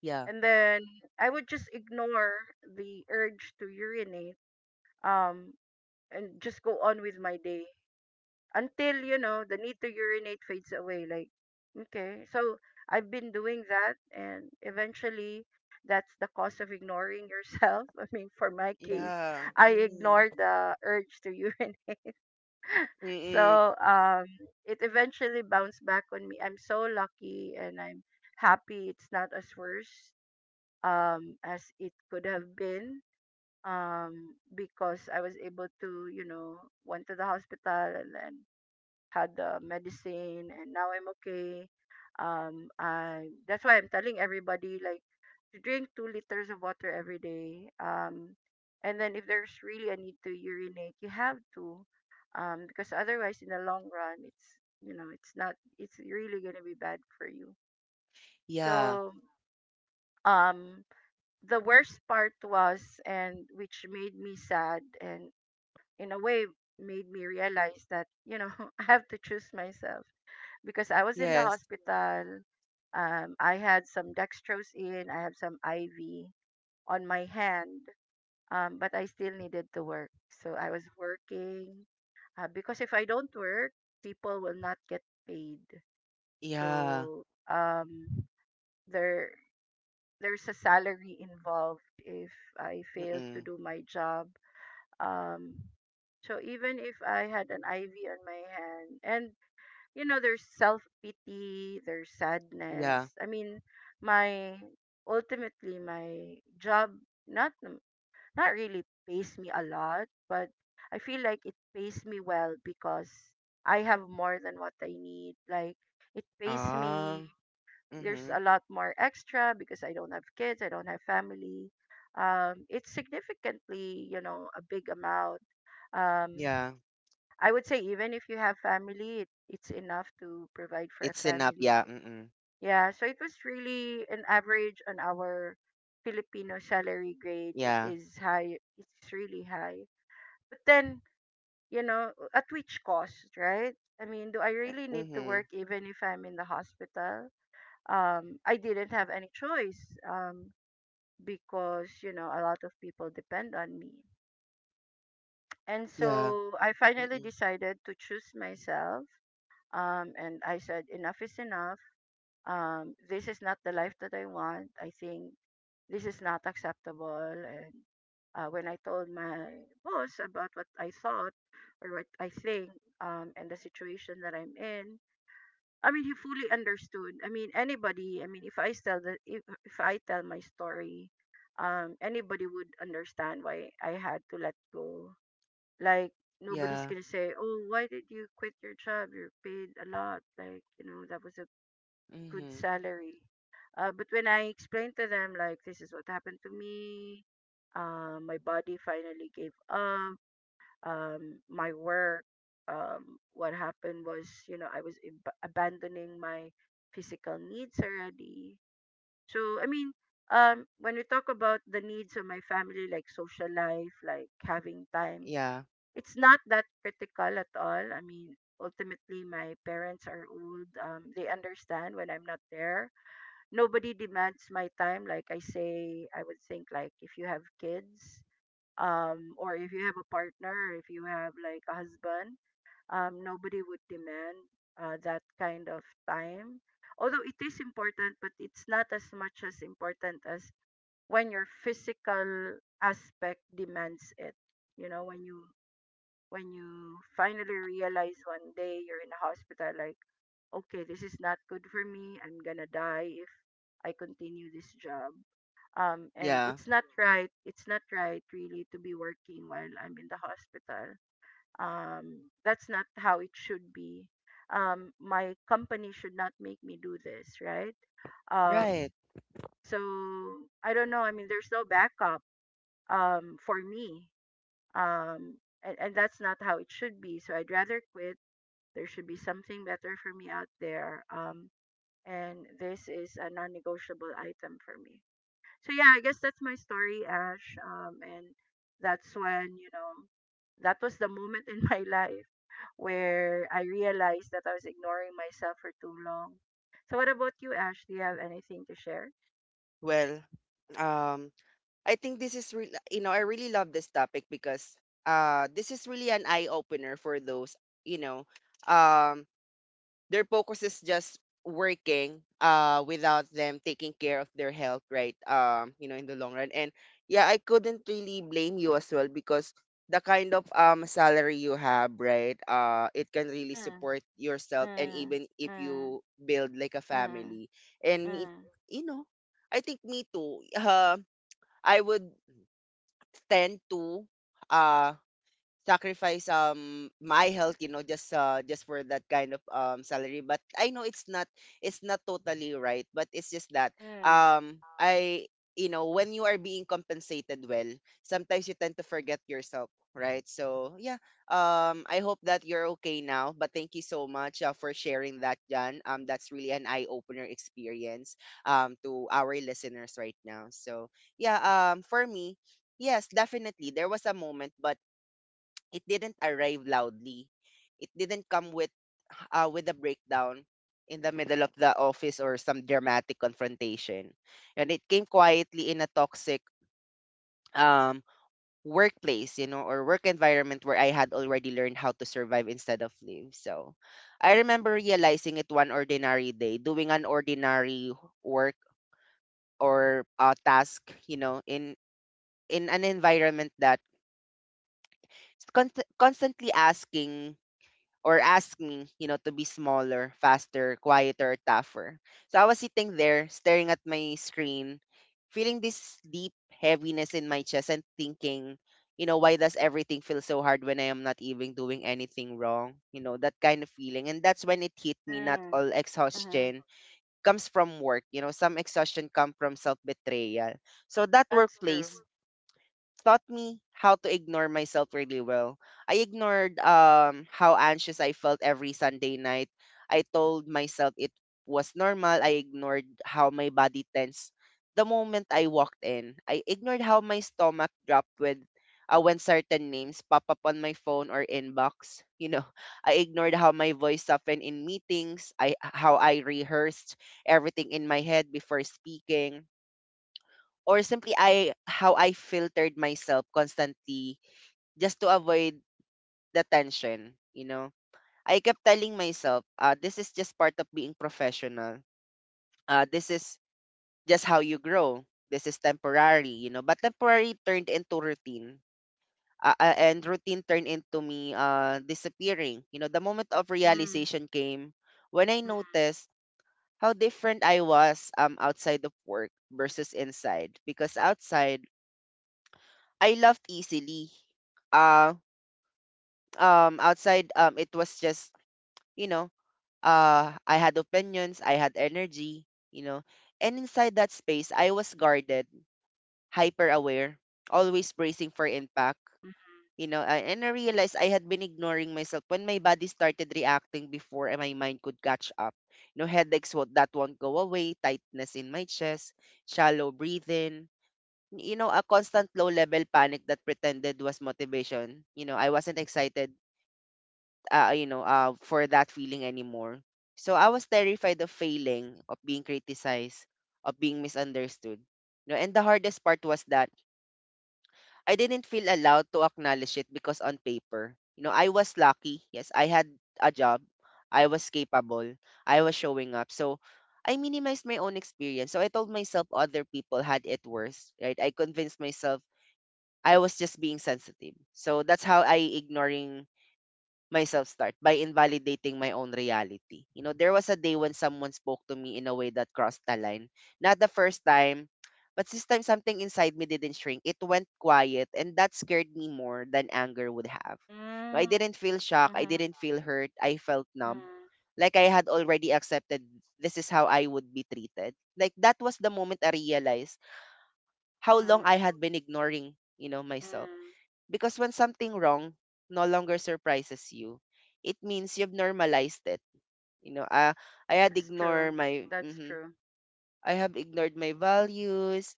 Speaker 1: Yeah.
Speaker 2: And then I would just ignore the urge to urinate, um and just go on with my day. Until, you know, the need to urinate fades away. Like, okay, so I've been doing that, and eventually that's the cost of ignoring yourself. I mean, for my case,
Speaker 1: Yeah.
Speaker 2: I
Speaker 1: Mm.
Speaker 2: ignored the urge to urinate.
Speaker 1: Mm-mm.
Speaker 2: So it eventually bounced back on me. I'm so lucky, and I'm happy it's not as worse as it could have been, um because I was able to, you know, went to the hospital, and then had the medicine, and now I'm okay. I that's why I'm telling everybody like to drink 2 liters of water every day. And then if there's really a need to urinate, you have to, because otherwise in the long run, it's, you know, it's not, it's really gonna be bad for you.
Speaker 1: Yeah.
Speaker 2: So, um, the worst part was, and which made me sad and in a way made me realize that, you know, I have to choose myself, because I was in the
Speaker 1: Yes.
Speaker 2: hospital. I had some dextrose in, I have some IV on my hand, but I still needed to work. So I was working, because if I don't work, people will not get paid.
Speaker 1: Yeah.
Speaker 2: So, there there's a salary involved if I fail to
Speaker 1: Mm-mm.
Speaker 2: do my job. Um, so even if I had an IV on my hand, and, you know, there's self pity, there's
Speaker 1: Yeah.
Speaker 2: sadness. I mean, my ultimately my job not n- not really pays me a lot, but I feel like it pays me well because I have more than what I need. Like, it pays me.
Speaker 1: Um.
Speaker 2: There's
Speaker 1: Mm-hmm.
Speaker 2: a lot more extra because I don't have kids, I don't have family. It's significantly, you know, a big amount. Um,
Speaker 1: Yeah.
Speaker 2: I would say even if you have family, it's enough to provide for a
Speaker 1: It's enough.
Speaker 2: family.
Speaker 1: Yeah. Mm-mm.
Speaker 2: Yeah, so it was really an average. On our Filipino salary grade, it
Speaker 1: Yeah.
Speaker 2: is high. It's really high. But then, you know, at which cost, right? I mean, do I really need to
Speaker 1: Mm-hmm.
Speaker 2: work even if I'm in the hospital? I didn't have any choice, um, because, you know, a lot of people depend on me. And
Speaker 1: Yeah.
Speaker 2: so I finally
Speaker 1: Mm-mm.
Speaker 2: decided to choose myself. And I said, enough is enough. This is not the life that I want. I think this is not acceptable. And when I told my boss about what I thought, or what I think, and the situation that I'm in, I mean, he fully understood. I mean, anybody. I mean, if I tell my story, anybody would understand why I had to let go. Like, nobody's
Speaker 1: Yeah.
Speaker 2: gonna say, "Oh, why did you quit your job? You're paid a lot. Like, you know, that was a good
Speaker 1: Mm-hmm.
Speaker 2: salary." But when I explained to them, like, this is what happened to me, my body finally gave up. My work. What happened was, you know, I was abandoning my physical needs already. So I mean, when we talk about the needs of my family, like social life, like having time,
Speaker 1: Yeah.
Speaker 2: it's not that critical at all. I mean, ultimately, my parents are old. They understand when I'm not there. Nobody demands my time. Like I say, I would think, like, if you have kids, or if you have a partner, if you have like a husband, nobody would demand that kind of time. Although it is important, but it's not as much as important as when your physical aspect demands it. You know, when you finally realize one day you're in a hospital, like, okay, this is not good for me. I'm gonna die if I continue this job. And
Speaker 1: Yeah.
Speaker 2: it's not right, it's not right really to be working while I'm in the hospital. That's not how it should be. My company should not make me do this, right? um
Speaker 1: Right.
Speaker 2: so I don't know, I mean, there's no backup for me, um and that's not how it should be, so I'd rather quit. There should be something better for me out there. And this is a non-negotiable item for me. So yeah, I guess that's my story, Ash. And that's when, you know, that was the moment in my life where I realized that I was ignoring myself for too long. So what about you, Ash? Do you have anything to share?
Speaker 1: Well. Um. I think this is real, you know, I really love this topic because this is really an eye opener for those, you know, um their focus is just working without them taking care of their health, right? You know, in the long run. And yeah, I couldn't really blame you as well because the kind of salary you have, right? Uh, it can really
Speaker 2: Mm,
Speaker 1: support yourself and
Speaker 2: mm,
Speaker 1: even if
Speaker 2: mm,
Speaker 1: you build like a
Speaker 2: mm,
Speaker 1: family. And me,
Speaker 2: mm,
Speaker 1: you know, I think me too. I would tend to uh sacrifice my health, you know, just for that kind of salary, but I know it's not, it's not totally right, but it's just that
Speaker 2: mm,
Speaker 1: I you know, when you are being compensated well, sometimes you tend to forget yourself, right? So yeah, I hope that you're okay now, but thank you so much, for sharing that, Jan. Um, that's really an eye opener experience to our listeners right now. So yeah, for me, yes, definitely there was a moment, but it didn't arrive loudly. It didn't come with a breakdown in the middle of the office or some dramatic confrontation. And it came quietly in a toxic um, workplace, you know, or work environment where I had already learned how to survive instead of live. So I remember realizing it one ordinary day, doing an ordinary work or task, you know, in an environment that con- constantly asking or ask me, you know, to be smaller, faster, quieter, tougher. So I was sitting there staring at my screen, feeling this deep heaviness in my chest and thinking, you know, why does everything feel so hard when I am not even doing anything wrong? You know, that kind of feeling. And that's when it hit me, not
Speaker 2: mm,
Speaker 1: all
Speaker 2: mm.
Speaker 1: exhaustion comes from work. You know, some exhaustion come from self-betrayal. So that
Speaker 2: That's
Speaker 1: workplace
Speaker 2: true.
Speaker 1: taught me how to ignore myself really well. I ignored how anxious I felt every Sunday night. I told myself it was normal. I ignored how my body tensed the moment I walked in. I ignored how my stomach dropped with when certain names pop up on my phone or inbox. You know, I ignored how my voice softened in meetings. I how I rehearsed everything in my head before speaking, or simply I how I filtered myself constantly just to avoid the tension, you know. I kept telling myself, this is just part of being professional. This is just how you grow. This is temporary, you know. But temporary turned into routine. And routine turned into me disappearing. You know, the moment of
Speaker 2: Mm,
Speaker 1: realization came when I
Speaker 2: mm,
Speaker 1: noticed how different I was, outside of work versus inside. Because outside, I laughed easily. Uh, Outside, it was just, you know, I had opinions, I had energy, you know, and inside that space, I was guarded, hyper aware, always bracing for impact,
Speaker 2: mm,
Speaker 1: you know, and I realized I had been ignoring myself when my body started reacting before and my mind could catch up. You know, headaches that won't go away, tightness in my chest, shallow breathing, you know, a constant low level panic that pretended was motivation. You know, I wasn't excited, you know, for that feeling anymore. So I was terrified of failing, of being criticized, of being misunderstood. You know, and the hardest part was that I didn't feel allowed to acknowledge it because on paper, you know, I was lucky. Yes, I had a job. I was capable. I was showing up. So I minimized my own experience. So I told myself other people had it worse, right? I convinced myself I was just being sensitive. So that's how I ignoring myself start by invalidating my own reality. You know, there was a day when someone spoke to me in a way that crossed the line. Not the first time, but this time something inside me didn't shrink. It went quiet and that scared me more than anger would have. You know,
Speaker 2: mm,
Speaker 1: I didn't feel shock, I
Speaker 2: mm,
Speaker 1: didn't feel hurt, I felt numb. Like I had already accepted this is how I would be treated. Like that was the moment I realized how long
Speaker 2: mm,
Speaker 1: I had been ignoring, you know, myself
Speaker 2: mm.
Speaker 1: because when something wrong no longer surprises you, it means you've normalized it. You know, I had
Speaker 2: That's
Speaker 1: ignored
Speaker 2: true.
Speaker 1: my
Speaker 2: That's
Speaker 1: mhm.
Speaker 2: true.
Speaker 1: I have ignored my values.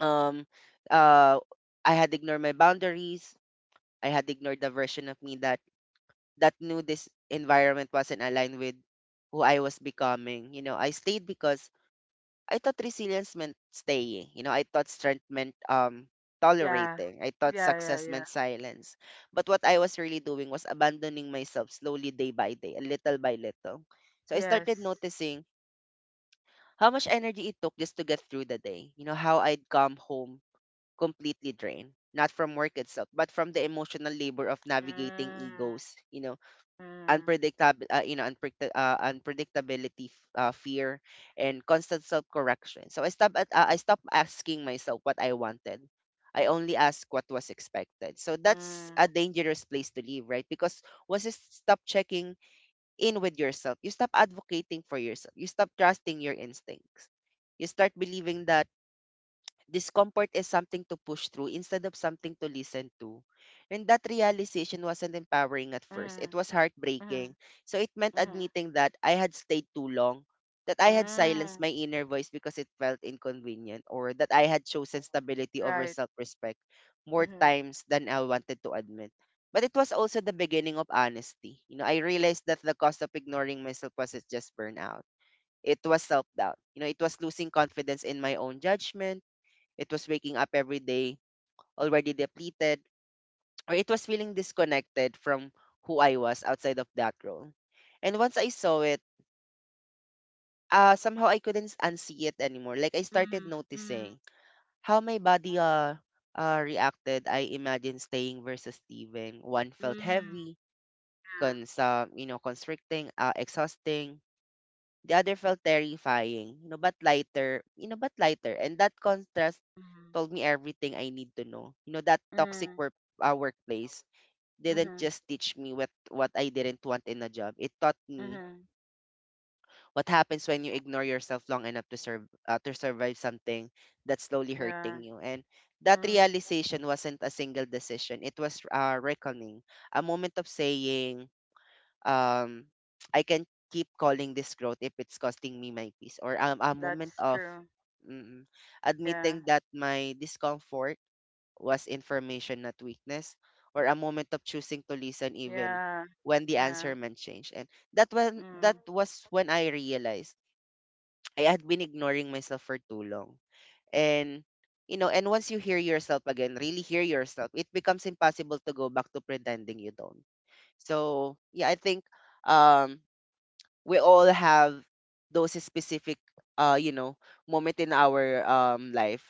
Speaker 1: Um uh I had ignored my boundaries. I had ignored the version of me that knew this environment wasn't aligned with who I was becoming. You know, I stayed because I thought resilience meant staying. You know, I thought strength meant
Speaker 2: Yeah.
Speaker 1: tolerating. I thought
Speaker 2: Yeah, yeah,
Speaker 1: success
Speaker 2: yeah.
Speaker 1: meant silence. But what I was really doing was abandoning myself slowly day by day, and little by little. So I started
Speaker 2: Yes.
Speaker 1: noticing how much energy it took just to get through the day. You know, how I'd come home completely drained. Not from work itself, but from the emotional labor of navigating
Speaker 2: Mm,
Speaker 1: egos, you know,
Speaker 2: mm,
Speaker 1: unpredictable, you know, unpredictability, fear, and constant self-correction. So I stopped. I stopped asking myself what I wanted. I only asked what was expected. So that's
Speaker 2: mm,
Speaker 1: a dangerous place to live, right? Because once you stop checking in with yourself, you stop advocating for yourself. You stop trusting your instincts. You start believing that discomfort is something to push through instead of something to listen to. And that realization wasn't empowering at first. It
Speaker 2: mm,
Speaker 1: was heartbreaking.
Speaker 2: mm,
Speaker 1: So it meant
Speaker 2: mm,
Speaker 1: admitting that I had stayed too long, that I had
Speaker 2: mm.
Speaker 1: silenced my inner voice because it felt inconvenient, or that I had chosen stability over
Speaker 2: Right.
Speaker 1: self respect more
Speaker 2: Mm-hmm.
Speaker 1: times than I wanted to admit. But it was also the beginning of honesty. You know, I realized that the cost of ignoring myself wasn't just burnout. It was self doubt. You know, it was losing confidence in my own judgment, it was waking up every day already depleted, or it was feeling disconnected from who I was outside of that role. And once I saw it, somehow I couldn't unsee it anymore. Like I started
Speaker 2: Mm, mm,
Speaker 1: noticing how my body reacted. I imagined staying versus leaving. One felt
Speaker 2: mm,
Speaker 1: heavy,
Speaker 2: yeah.
Speaker 1: you know, constricting, exhausting. The other felt terrifying, you know, but lighter, but lighter. And that contrast
Speaker 2: Mm,
Speaker 1: told me everything I need to know. You know, that toxic
Speaker 2: mm,
Speaker 1: workplace didn't
Speaker 2: mm,
Speaker 1: just teach me what I didn't want in a job. It taught me
Speaker 2: mm.
Speaker 1: what happens when you ignore yourself long enough to serve to survive something that's slowly
Speaker 2: Yeah.
Speaker 1: hurting you. And that
Speaker 2: Mm,
Speaker 1: realization wasn't a single decision. It was a reckoning, a moment of saying, um I can keep calling this growth if it's costing me my peace, or a moment
Speaker 2: that's
Speaker 1: of
Speaker 2: true.
Speaker 1: mm,
Speaker 2: Yeah.
Speaker 1: admitting that my discomfort was information, not weakness, or a moment of choosing to listen even
Speaker 2: Yeah.
Speaker 1: when the answer
Speaker 2: Yeah.
Speaker 1: meant change. And that
Speaker 2: Mm.
Speaker 1: was when I realized I had been ignoring myself for too long. And and once you hear yourself again, really hear yourself, it becomes impossible to go back to pretending you don't. So yeah, I think um we all have those specific uh you know moment in our life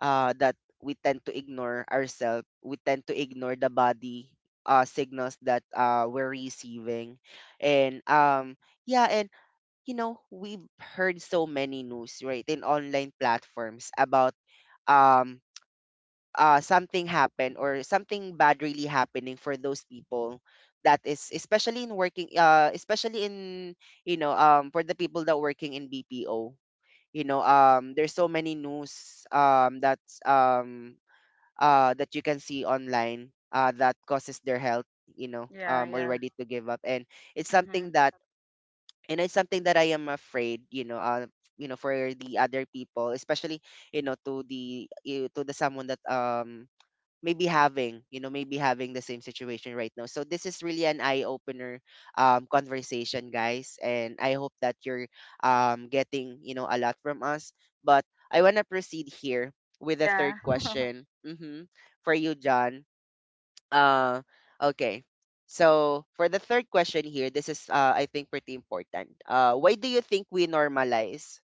Speaker 1: that we tend to ignore ourselves. We tend to ignore the body signals that we're receiving. And Yeah. And you know we've heard so many news, right, in online platforms about um something happen or something bad really happening for those people. That is especially in working, especially in, you know, for the people that working in BPO. You know, there's so many news, that's that you can see online, that causes their health, you know
Speaker 2: Yeah,
Speaker 1: um
Speaker 2: yeah.
Speaker 1: already to give up. And it's something
Speaker 2: Mm-hmm.
Speaker 1: that, and it's something that I am afraid, you know, for the other people, especially, to the you, to the someone that maybe having, you know, maybe having the same situation right now. So this is really an eye opener, conversation guys, and I hope that you're getting, you know, a lot from us. But I want to proceed here with the third
Speaker 2: Yeah.
Speaker 1: question. Hmm, for you, John. uh, okay. So for the third question here, this is I think pretty important. Why do you think we normalize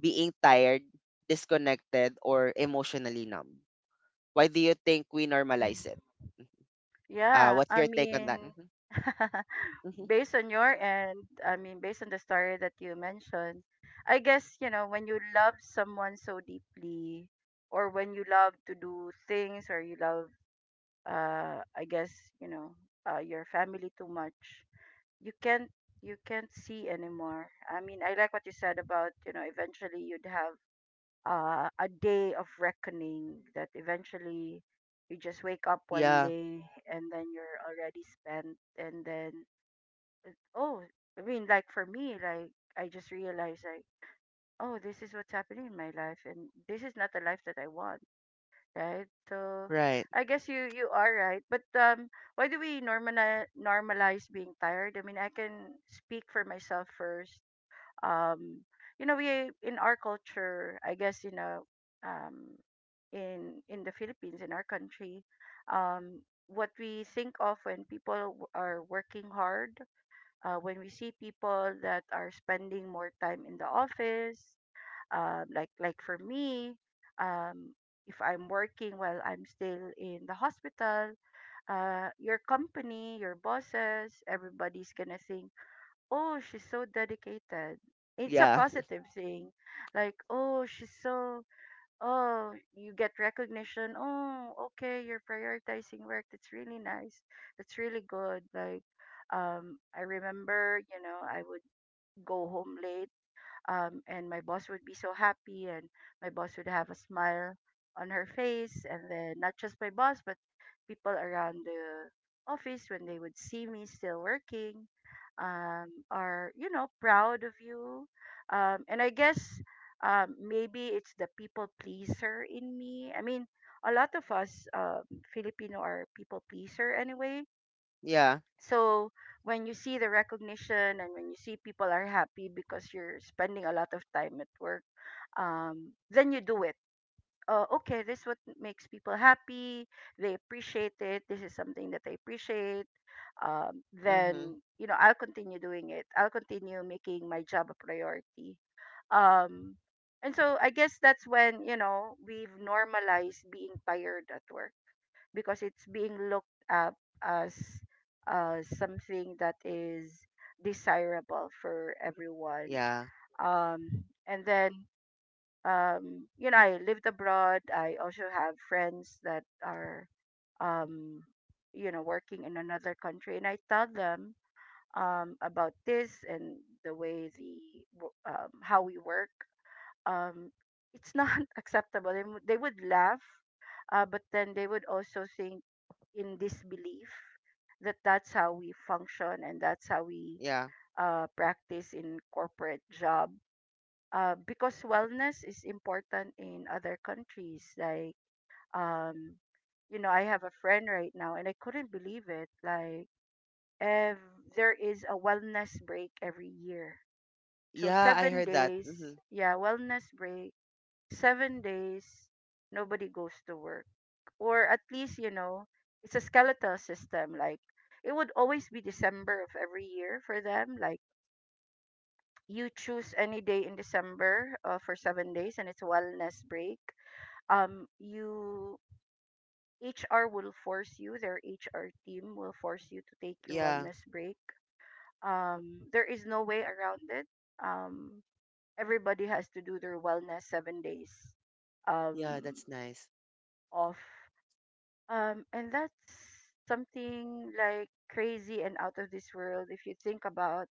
Speaker 1: being tired, disconnected, or emotionally numb? Why do you think we normalize it?
Speaker 2: Yeah,
Speaker 1: What's
Speaker 2: I
Speaker 1: your take on that?
Speaker 2: mean,
Speaker 1: Hmm. Hmm.
Speaker 2: based on your end, I mean, based on the story that you mentioned, I guess, you know, when you love someone so deeply, or when you love to do things, or you love, I guess, you know, your family too much, you can't, you can't see anymore. I mean, I like what you said about, you know, eventually you'd have a day of reckoning, that eventually you just wake up one
Speaker 1: Yeah,
Speaker 2: day and then you're already spent. And then, oh, I mean, like, for me, like, I just realized, like, oh, this is what's happening in my life, and this is not the life that I want, right? So
Speaker 1: right.
Speaker 2: I guess you are right, but, why do we normalize being tired? I mean, I can speak for myself first. um you know, we, in our culture, I guess, you know, um in the Philippines, in our country, um what we think of when people are working hard, when we see people that are spending more time in the office, like for me, um, if I'm working while I'm still in the hospital, your company, your bosses, everybody's gonna think, oh, she's so dedicated. It's a
Speaker 1: Yeah,
Speaker 2: positive thing. Like, oh, she's so, oh, you get recognition. Oh, okay, you're prioritizing work, that's really nice, that's really good. Like, I remember, you know, I would go home late, and my boss would be so happy, and my boss would have a smile on her face. And then not just my boss, but people around the office, when they would see me still working, are, you know, proud of you. And I guess, maybe it's the people pleaser in me. I mean, a lot of us, Filipino, are people pleaser anyway.
Speaker 1: yeah.
Speaker 2: So when you see the recognition and when you see people are happy because you're spending a lot of time at work, then you do it. Okay, this is what makes people happy. They appreciate it. This is something that they appreciate.
Speaker 1: Hmm.
Speaker 2: Then you know I'll continue doing it. I'll continue making my job a priority. Um, and so I guess that's when you know we've normalized being tired at work because it's being looked up as something that is desirable for everyone.
Speaker 1: Yeah,
Speaker 2: And then, you know, I lived abroad. I also have friends that are, um, you know, working in another country, and I tell them about this and the way the how we work. Um, it's not acceptable. They would laugh but then they would also think in disbelief that that's how we function and that's how we
Speaker 1: yeah,
Speaker 2: practice in corporate job. Because wellness is important in other countries. Like, um, you know, I have a friend right now and I couldn't believe it. Like, ev- there is a wellness break every year. So,
Speaker 1: yeah. I
Speaker 2: seven
Speaker 1: heard that. Hmm.
Speaker 2: days, yeah, wellness break, 7 days, nobody goes to work, or at least you know it's a skeletal system. Like, it would always be December of every year for them. Like, you choose any day in December for 7 days and it's a wellness break. You HR will force you, their HR team will force you to take your
Speaker 1: Yeah,
Speaker 2: wellness break. There is no way around it. um Everybody has to do their wellness 7 days
Speaker 1: yeah.
Speaker 2: um
Speaker 1: That's nice.
Speaker 2: off. And that's something like crazy and out of this world if you think about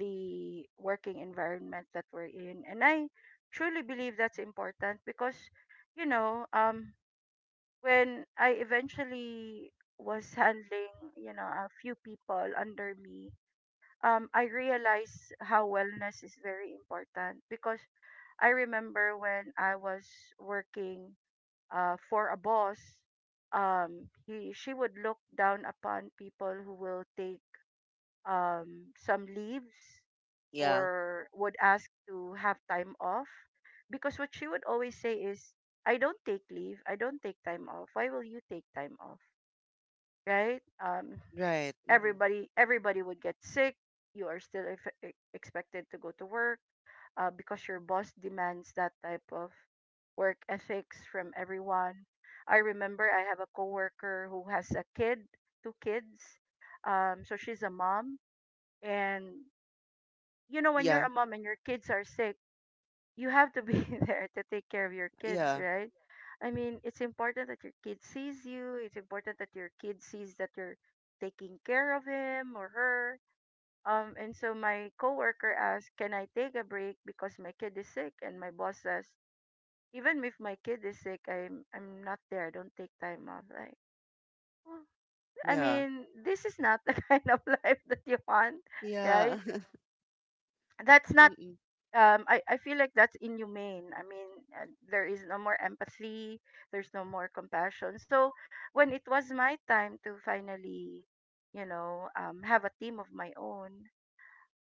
Speaker 2: the working environment that we're in. And I truly believe that's important because, you know, when I eventually was handling, you know, a few people under me, I realized how wellness is very important because I remember when I was working for a boss, he she would look down upon people who will take some leaves
Speaker 1: Yeah,
Speaker 2: or would ask to have time off, because what she would always say is, "I don't take leave. I don't take time off. Why will you take time off?" Right?
Speaker 1: right. Hmm.
Speaker 2: Everybody would get sick. You are still expected to go to work because your boss demands that type of work ethics from everyone. I remember I have a coworker who has a kid two kids. So she's a mom, and you know, when you're
Speaker 1: Yeah,
Speaker 2: a mom and your kids are sick, you have to be there to take care of your kids,
Speaker 1: yeah,
Speaker 2: right? I mean, it's important that your kid sees you, it's important that your kid sees that you're taking care of him or her. And so my coworker asked, "Can I take a break because my kid is sick?" And my boss says, "Even if my kid is sick, I'm not there. I don't take time off." Like, well, I
Speaker 1: yeah,
Speaker 2: mean, this is not the kind of life that you want,
Speaker 1: yeah.
Speaker 2: right? That's not.
Speaker 1: Mm-mm.
Speaker 2: I feel like that's inhumane. I mean, there is no more empathy. There's no more compassion. So when it was my time to finally, you know, have a team of my own,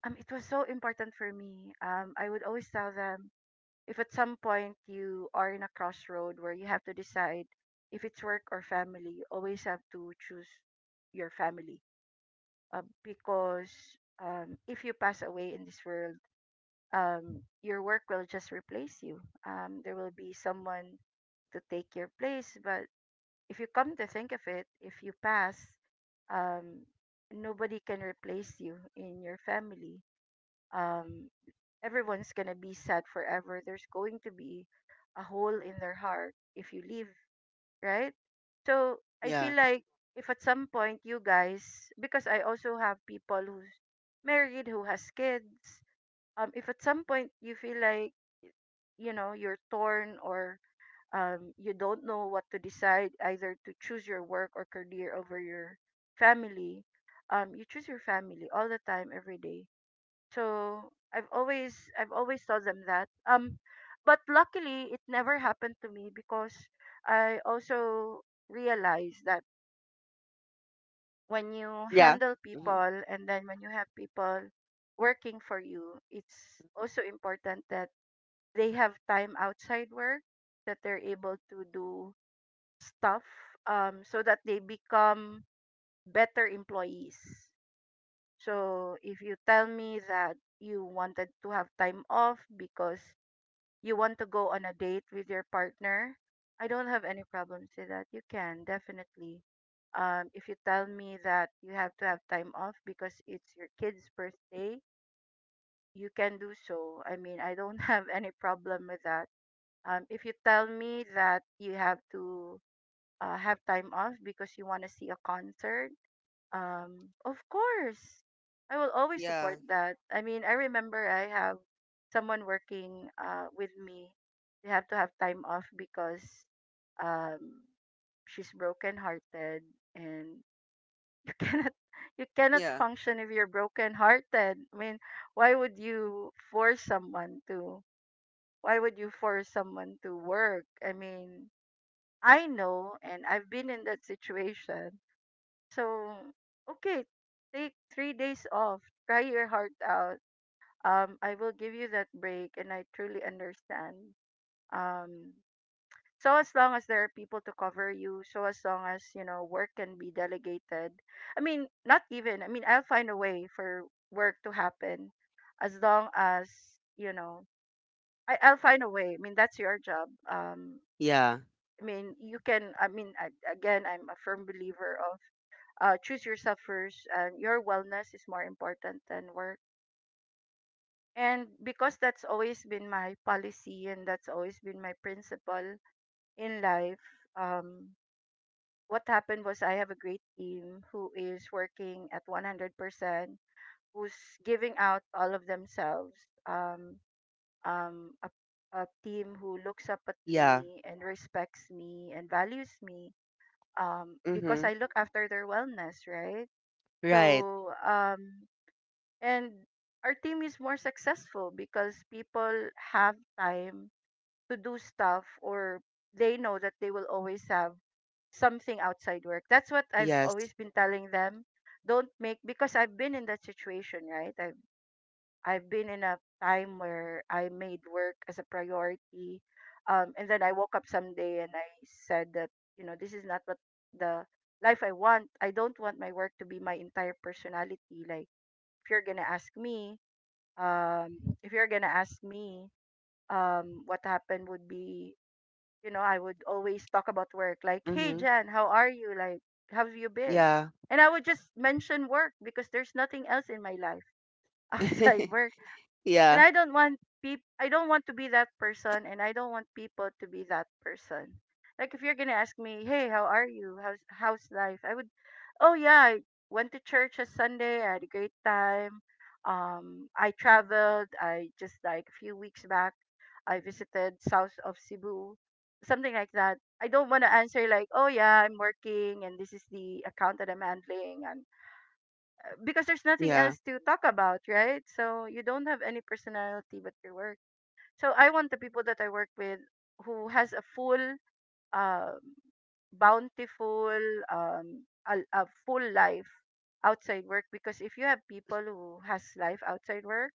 Speaker 2: it was so important for me. I would always tell them, if at some point you are in a crossroad where you have to decide if it's work or family, you always have to choose your family. Because if you pass away in this world, your work will just replace you. There will be someone to take your place. But if you come to think of it, if you pass, um, nobody can replace you in your family. Um, everyone's gonna be sad forever. There's going to be a hole in their heart if you leave, right? So I feel
Speaker 1: Yeah,
Speaker 2: like, if at some point you guys, because I also have people who's married, who has kids, if at some point you feel like you know you're torn or you don't know what to decide, either to choose your work or career over your family, you choose your family all the time, every day. So I've always told them that. But luckily it never happened to me because I also realized that when you
Speaker 1: yeah.
Speaker 2: handle
Speaker 1: Hmm.
Speaker 2: people and then when you have people working for you, it's also important that they have time outside work, that they're able to do stuff so that they become better employees. So if you tell me that you wanted to have time off because you want to go on a date with your partner, I don't have any problems with that. You can definitely. If you tell me that you have to have time off because it's your kid's birthday, you can do so. I mean, I don't have any problem with that. If you tell me that you have to have time off because you want to see a concert, of course, I will always support
Speaker 1: Yeah,
Speaker 2: that. I mean, I remember I have someone working with me. They have to have time off because um, she's broken hearted, and you cannot you cannot
Speaker 1: yeah,
Speaker 2: function if you're broken hearted. I mean, why would you force someone to? Why would you force someone to work? I mean, I know, and I've been in that situation, so, okay, take 3 days off. Try your heart out. I will give you that break, and I truly understand. Um, so as long as there are people to cover you, so as long as you know work can be delegated. I mean, not even. I mean, I'll find a way for work to happen, as long as you know. I'll find a way. I mean, that's your job.
Speaker 1: yeah,
Speaker 2: I mean, you can. I mean, I, again, I'm a firm believer of choose yourself first, and your wellness is more important than work, and because that's always been my policy and that's always been my principle in life. um, what happened was, I have a great team who is working at 100%, who's giving out all of themselves, um, um, a, a team who looks up at
Speaker 1: yeah.
Speaker 2: me and respects me and values me because I
Speaker 1: Hmm.
Speaker 2: look after their wellness, right?
Speaker 1: Right.
Speaker 2: So and our team is more successful because people have time to do stuff, or they know that they will always have something outside work. That's what I've always
Speaker 1: Yes.
Speaker 2: been telling them. Don't make, because I've been in that situation, right? I've been in a time where I made work as a priority, and then I woke up someday and I said that, you know, this is not what the life I want. I don't want my work to be my entire personality. Like, if you're going to ask me, um if you're gonna ask me, what happened would be, you know, I would always talk about work. Like, "Hey,
Speaker 1: Hmm.
Speaker 2: Jan, how are you? Like, how have you been?"
Speaker 1: Yeah.
Speaker 2: And I would just mention work because there's nothing else in my life outside work. And
Speaker 1: Yeah.
Speaker 2: I don't want I don't want to be that person, and I don't want people to be that person. Like, if you're going to ask me, "Hey, how are you? How's life?" I would, "Oh yeah, I went to church on Sunday. I had a great time. Um, I traveled. I just like a few weeks back I visited south of Cebu." Something like that. I don't want to answer like, "Oh yeah, I'm working and this is the account that I'm handling. I'm because there's nothing
Speaker 1: Yeah.
Speaker 2: else to talk about, right? So you don't have any personality but your work. So I want the people that I work with who has a full, um, bountiful, a full life outside work. Because if you have people who has life outside work,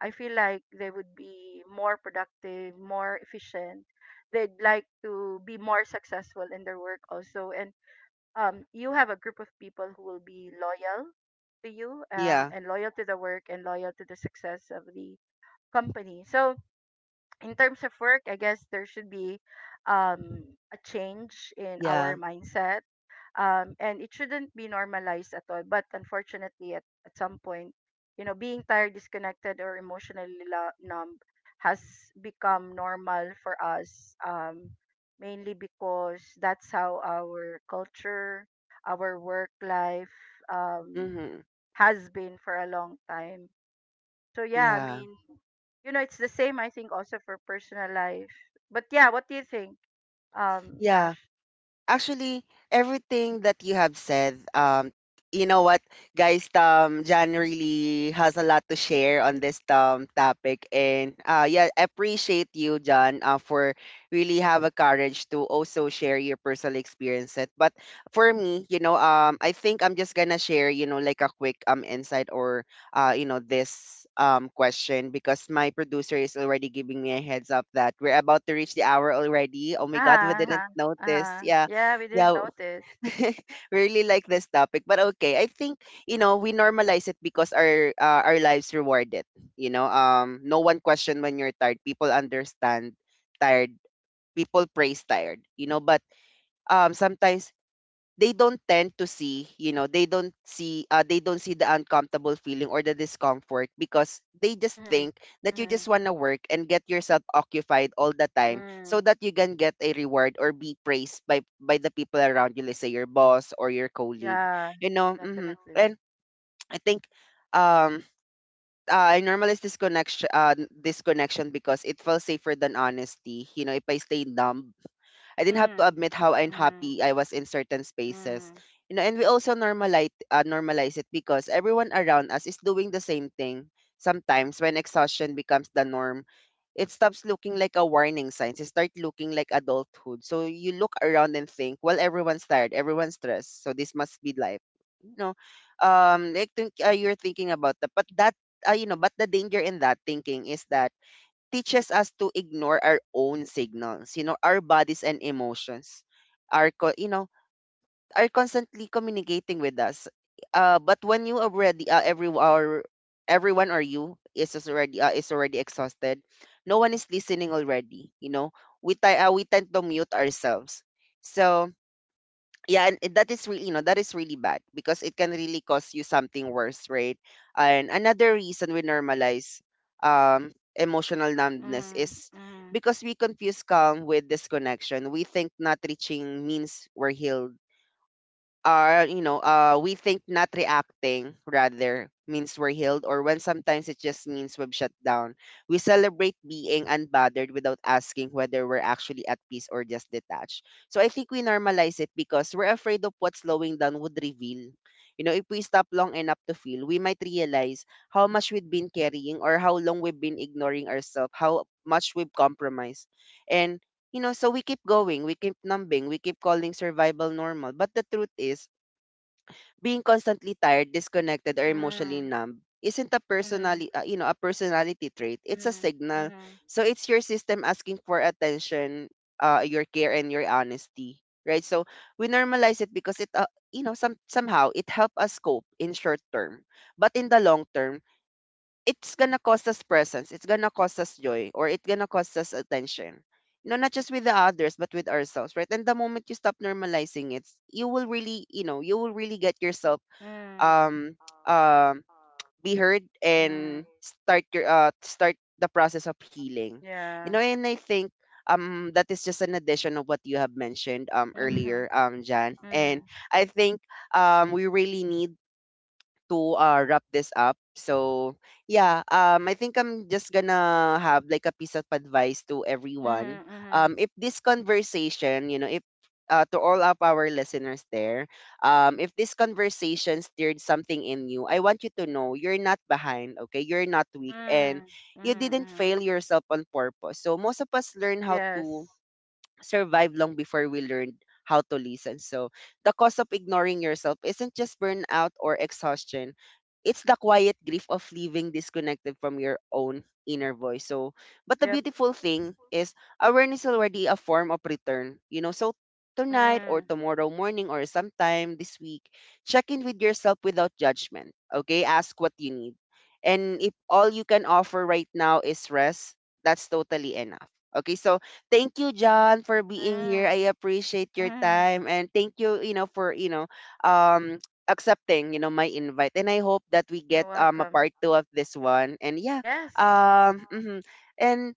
Speaker 2: I feel like they would be more productive, more efficient. They'd like to be more successful in their work also, and you have a group of people who will be loyal to you
Speaker 1: Yeah.
Speaker 2: and loyal to the work and loyal to the success of the company. So, in terms of work, I guess there should be um, a change in our
Speaker 1: Yeah.
Speaker 2: mindset and it shouldn't be normalized at all. But unfortunately, at some point, you know, being tired, disconnected, or emotionally numb has become normal for us. Mainly because that's how our culture, our work life, um,
Speaker 1: Hmm.
Speaker 2: has been for a long time. So yeah, I
Speaker 1: Yeah.
Speaker 2: mean, you know, it's the same, I think, also for personal life. But yeah, what do you think,
Speaker 1: Yeah,
Speaker 2: Ash?
Speaker 1: actually, everything that you have said, you know what, guys, Jan really has a lot to share on this topic. And yeah, I appreciate you, Jan, for really have a courage to also share your personal experience it. But for me, you know, I think I'm just gonna share, you know, like a quick insight or this question, because my producer is already giving me a heads up that we're about to reach the hour already. Oh my
Speaker 2: Ah
Speaker 1: god, we
Speaker 2: huh.
Speaker 1: didn't
Speaker 2: Uh-huh,
Speaker 1: notice.
Speaker 2: uh-huh.
Speaker 1: Yeah.
Speaker 2: Yeah, we didn't
Speaker 1: Yeah,
Speaker 2: notice.
Speaker 1: we really like this topic, but okay. I think, you know, we normalize it because our lives reward it. You know, no one question when you're tired. People understand tired. People praise tired. You know, but sometimes they don't tend to see, you know, they don't see the uncomfortable feeling or the discomfort, because they just
Speaker 2: Mm-hmm.
Speaker 1: think that you
Speaker 2: Mm-hmm.
Speaker 1: just want to work and get yourself occupied all the time, so
Speaker 2: Mm.
Speaker 1: that you can get a reward or be praised by the people around you, let's say your boss or your colleague,
Speaker 2: Yeah,
Speaker 1: you know. Hmm.
Speaker 2: definitely.
Speaker 1: And I think um I normalize this connection because it felt safer than honesty. You know, if I stay numb, I didn't have to
Speaker 2: Mm.
Speaker 1: admit how
Speaker 2: Hmm.
Speaker 1: unhappy I was in certain spaces.
Speaker 2: Mm.
Speaker 1: You know, and we also normalize normalize it because everyone around us is doing the same thing. Sometimes when exhaustion becomes the norm, it stops looking like a warning sign. It start looking like adulthood. So you look around and think, well, everyone's tired, everyone's stressed, so this must be life. You know, you're thinking about that. But that, but the danger in that thinking is that teaches us to ignore our own signals, you know. Our bodies and emotions are co- you know, are constantly communicating with us. But when you already every or everyone or you is just already is already exhausted, no one is listening already, you know. We tend to mute ourselves. So yeah, that is really, you know, that is really bad, because it can really cause you something worse, right? And another reason we normalize emotional numbness
Speaker 2: Mm.
Speaker 1: is
Speaker 2: Mm.
Speaker 1: because we confuse calm with disconnection. We think not reaching means we're healed, are you know we think not reacting rather means we're healed, or when sometimes it just means we've shut down. We celebrate being unbothered without asking whether we're actually at peace or just detached. So I think we normalize it because we're afraid of what slowing down would reveal. You know, if we stop long enough to feel, we might realize how much we've been carrying, or how long we've been ignoring ourselves, how much we've compromised. and so we keep going, we keep numbing, we keep calling survival normal. But the truth is, being constantly tired, disconnected, or emotionally
Speaker 2: Mm.
Speaker 1: numb isn't a
Speaker 2: Hmm.
Speaker 1: personality, a personality trait. It's a
Speaker 2: Mm.
Speaker 1: signal.
Speaker 2: Mm.
Speaker 1: So it's your system asking for attention, your care, and your honesty, right? So we normalize it because it, some somehow it helps us cope in short term, but in the long term, it's gonna cost us presence, it's gonna cost us joy, or it's gonna cost us attention. You know, not just with the others, but with ourselves, right? And the moment you stop normalizing it, you will really, you know, you will really get yourself
Speaker 2: Hmm.
Speaker 1: um um be heard
Speaker 2: Mm.
Speaker 1: and start your start the process of healing. You
Speaker 2: Yeah.
Speaker 1: know, and I think that is just an addition of what you have mentioned
Speaker 2: Mm-hmm.
Speaker 1: earlier, Jan.
Speaker 2: Mm.
Speaker 1: And I think we really need to wrap this up. So yeah, I think I'm just gonna have like a piece of advice to everyone.
Speaker 2: Mm-hmm. Mm-hmm.
Speaker 1: If this conversation, you know, if to all of our listeners there, if this conversation stirred something in you, I want you to know, you're not behind, okay? You're not weak, and
Speaker 2: Mm.
Speaker 1: you
Speaker 2: Mm-hmm.
Speaker 1: didn't
Speaker 2: Mm.
Speaker 1: fail yourself on purpose. So most of us learn how
Speaker 2: Yes.
Speaker 1: to survived long before we learned how to listen. So the cause of ignoring yourself isn't just burnout or exhaustion, it's the quiet grief of living disconnected from your own inner voice. So, but the
Speaker 2: Yep.
Speaker 1: beautiful thing is, awareness is already a form of return. You know, so tonight, or
Speaker 2: Mm.
Speaker 1: tomorrow morning, or sometime this week, check in with yourself without judgment. Okay, ask what you need. And if all you can offer right now is rest, that's totally enough. Okay, so thank you, John, for being here.
Speaker 2: Mm.
Speaker 1: I appreciate your
Speaker 2: Hmm.
Speaker 1: time, and thank you, you know, for, you know, um accepting, you know, my invite. And I hope that we
Speaker 2: You're
Speaker 1: get a
Speaker 2: welcome.
Speaker 1: part 2 of this one. And yeah,
Speaker 2: Yes.
Speaker 1: mhm. And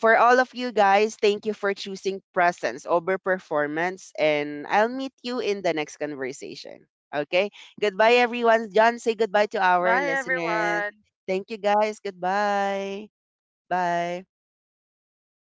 Speaker 1: for all of you guys, thank you for choosing presence over performance, and I'll meet you in the next conversation. Okay? Goodbye everyone. John, say goodbye to our
Speaker 2: Bye,
Speaker 1: listeners.
Speaker 2: everyone.
Speaker 1: Thank you guys. Goodbye. Bye.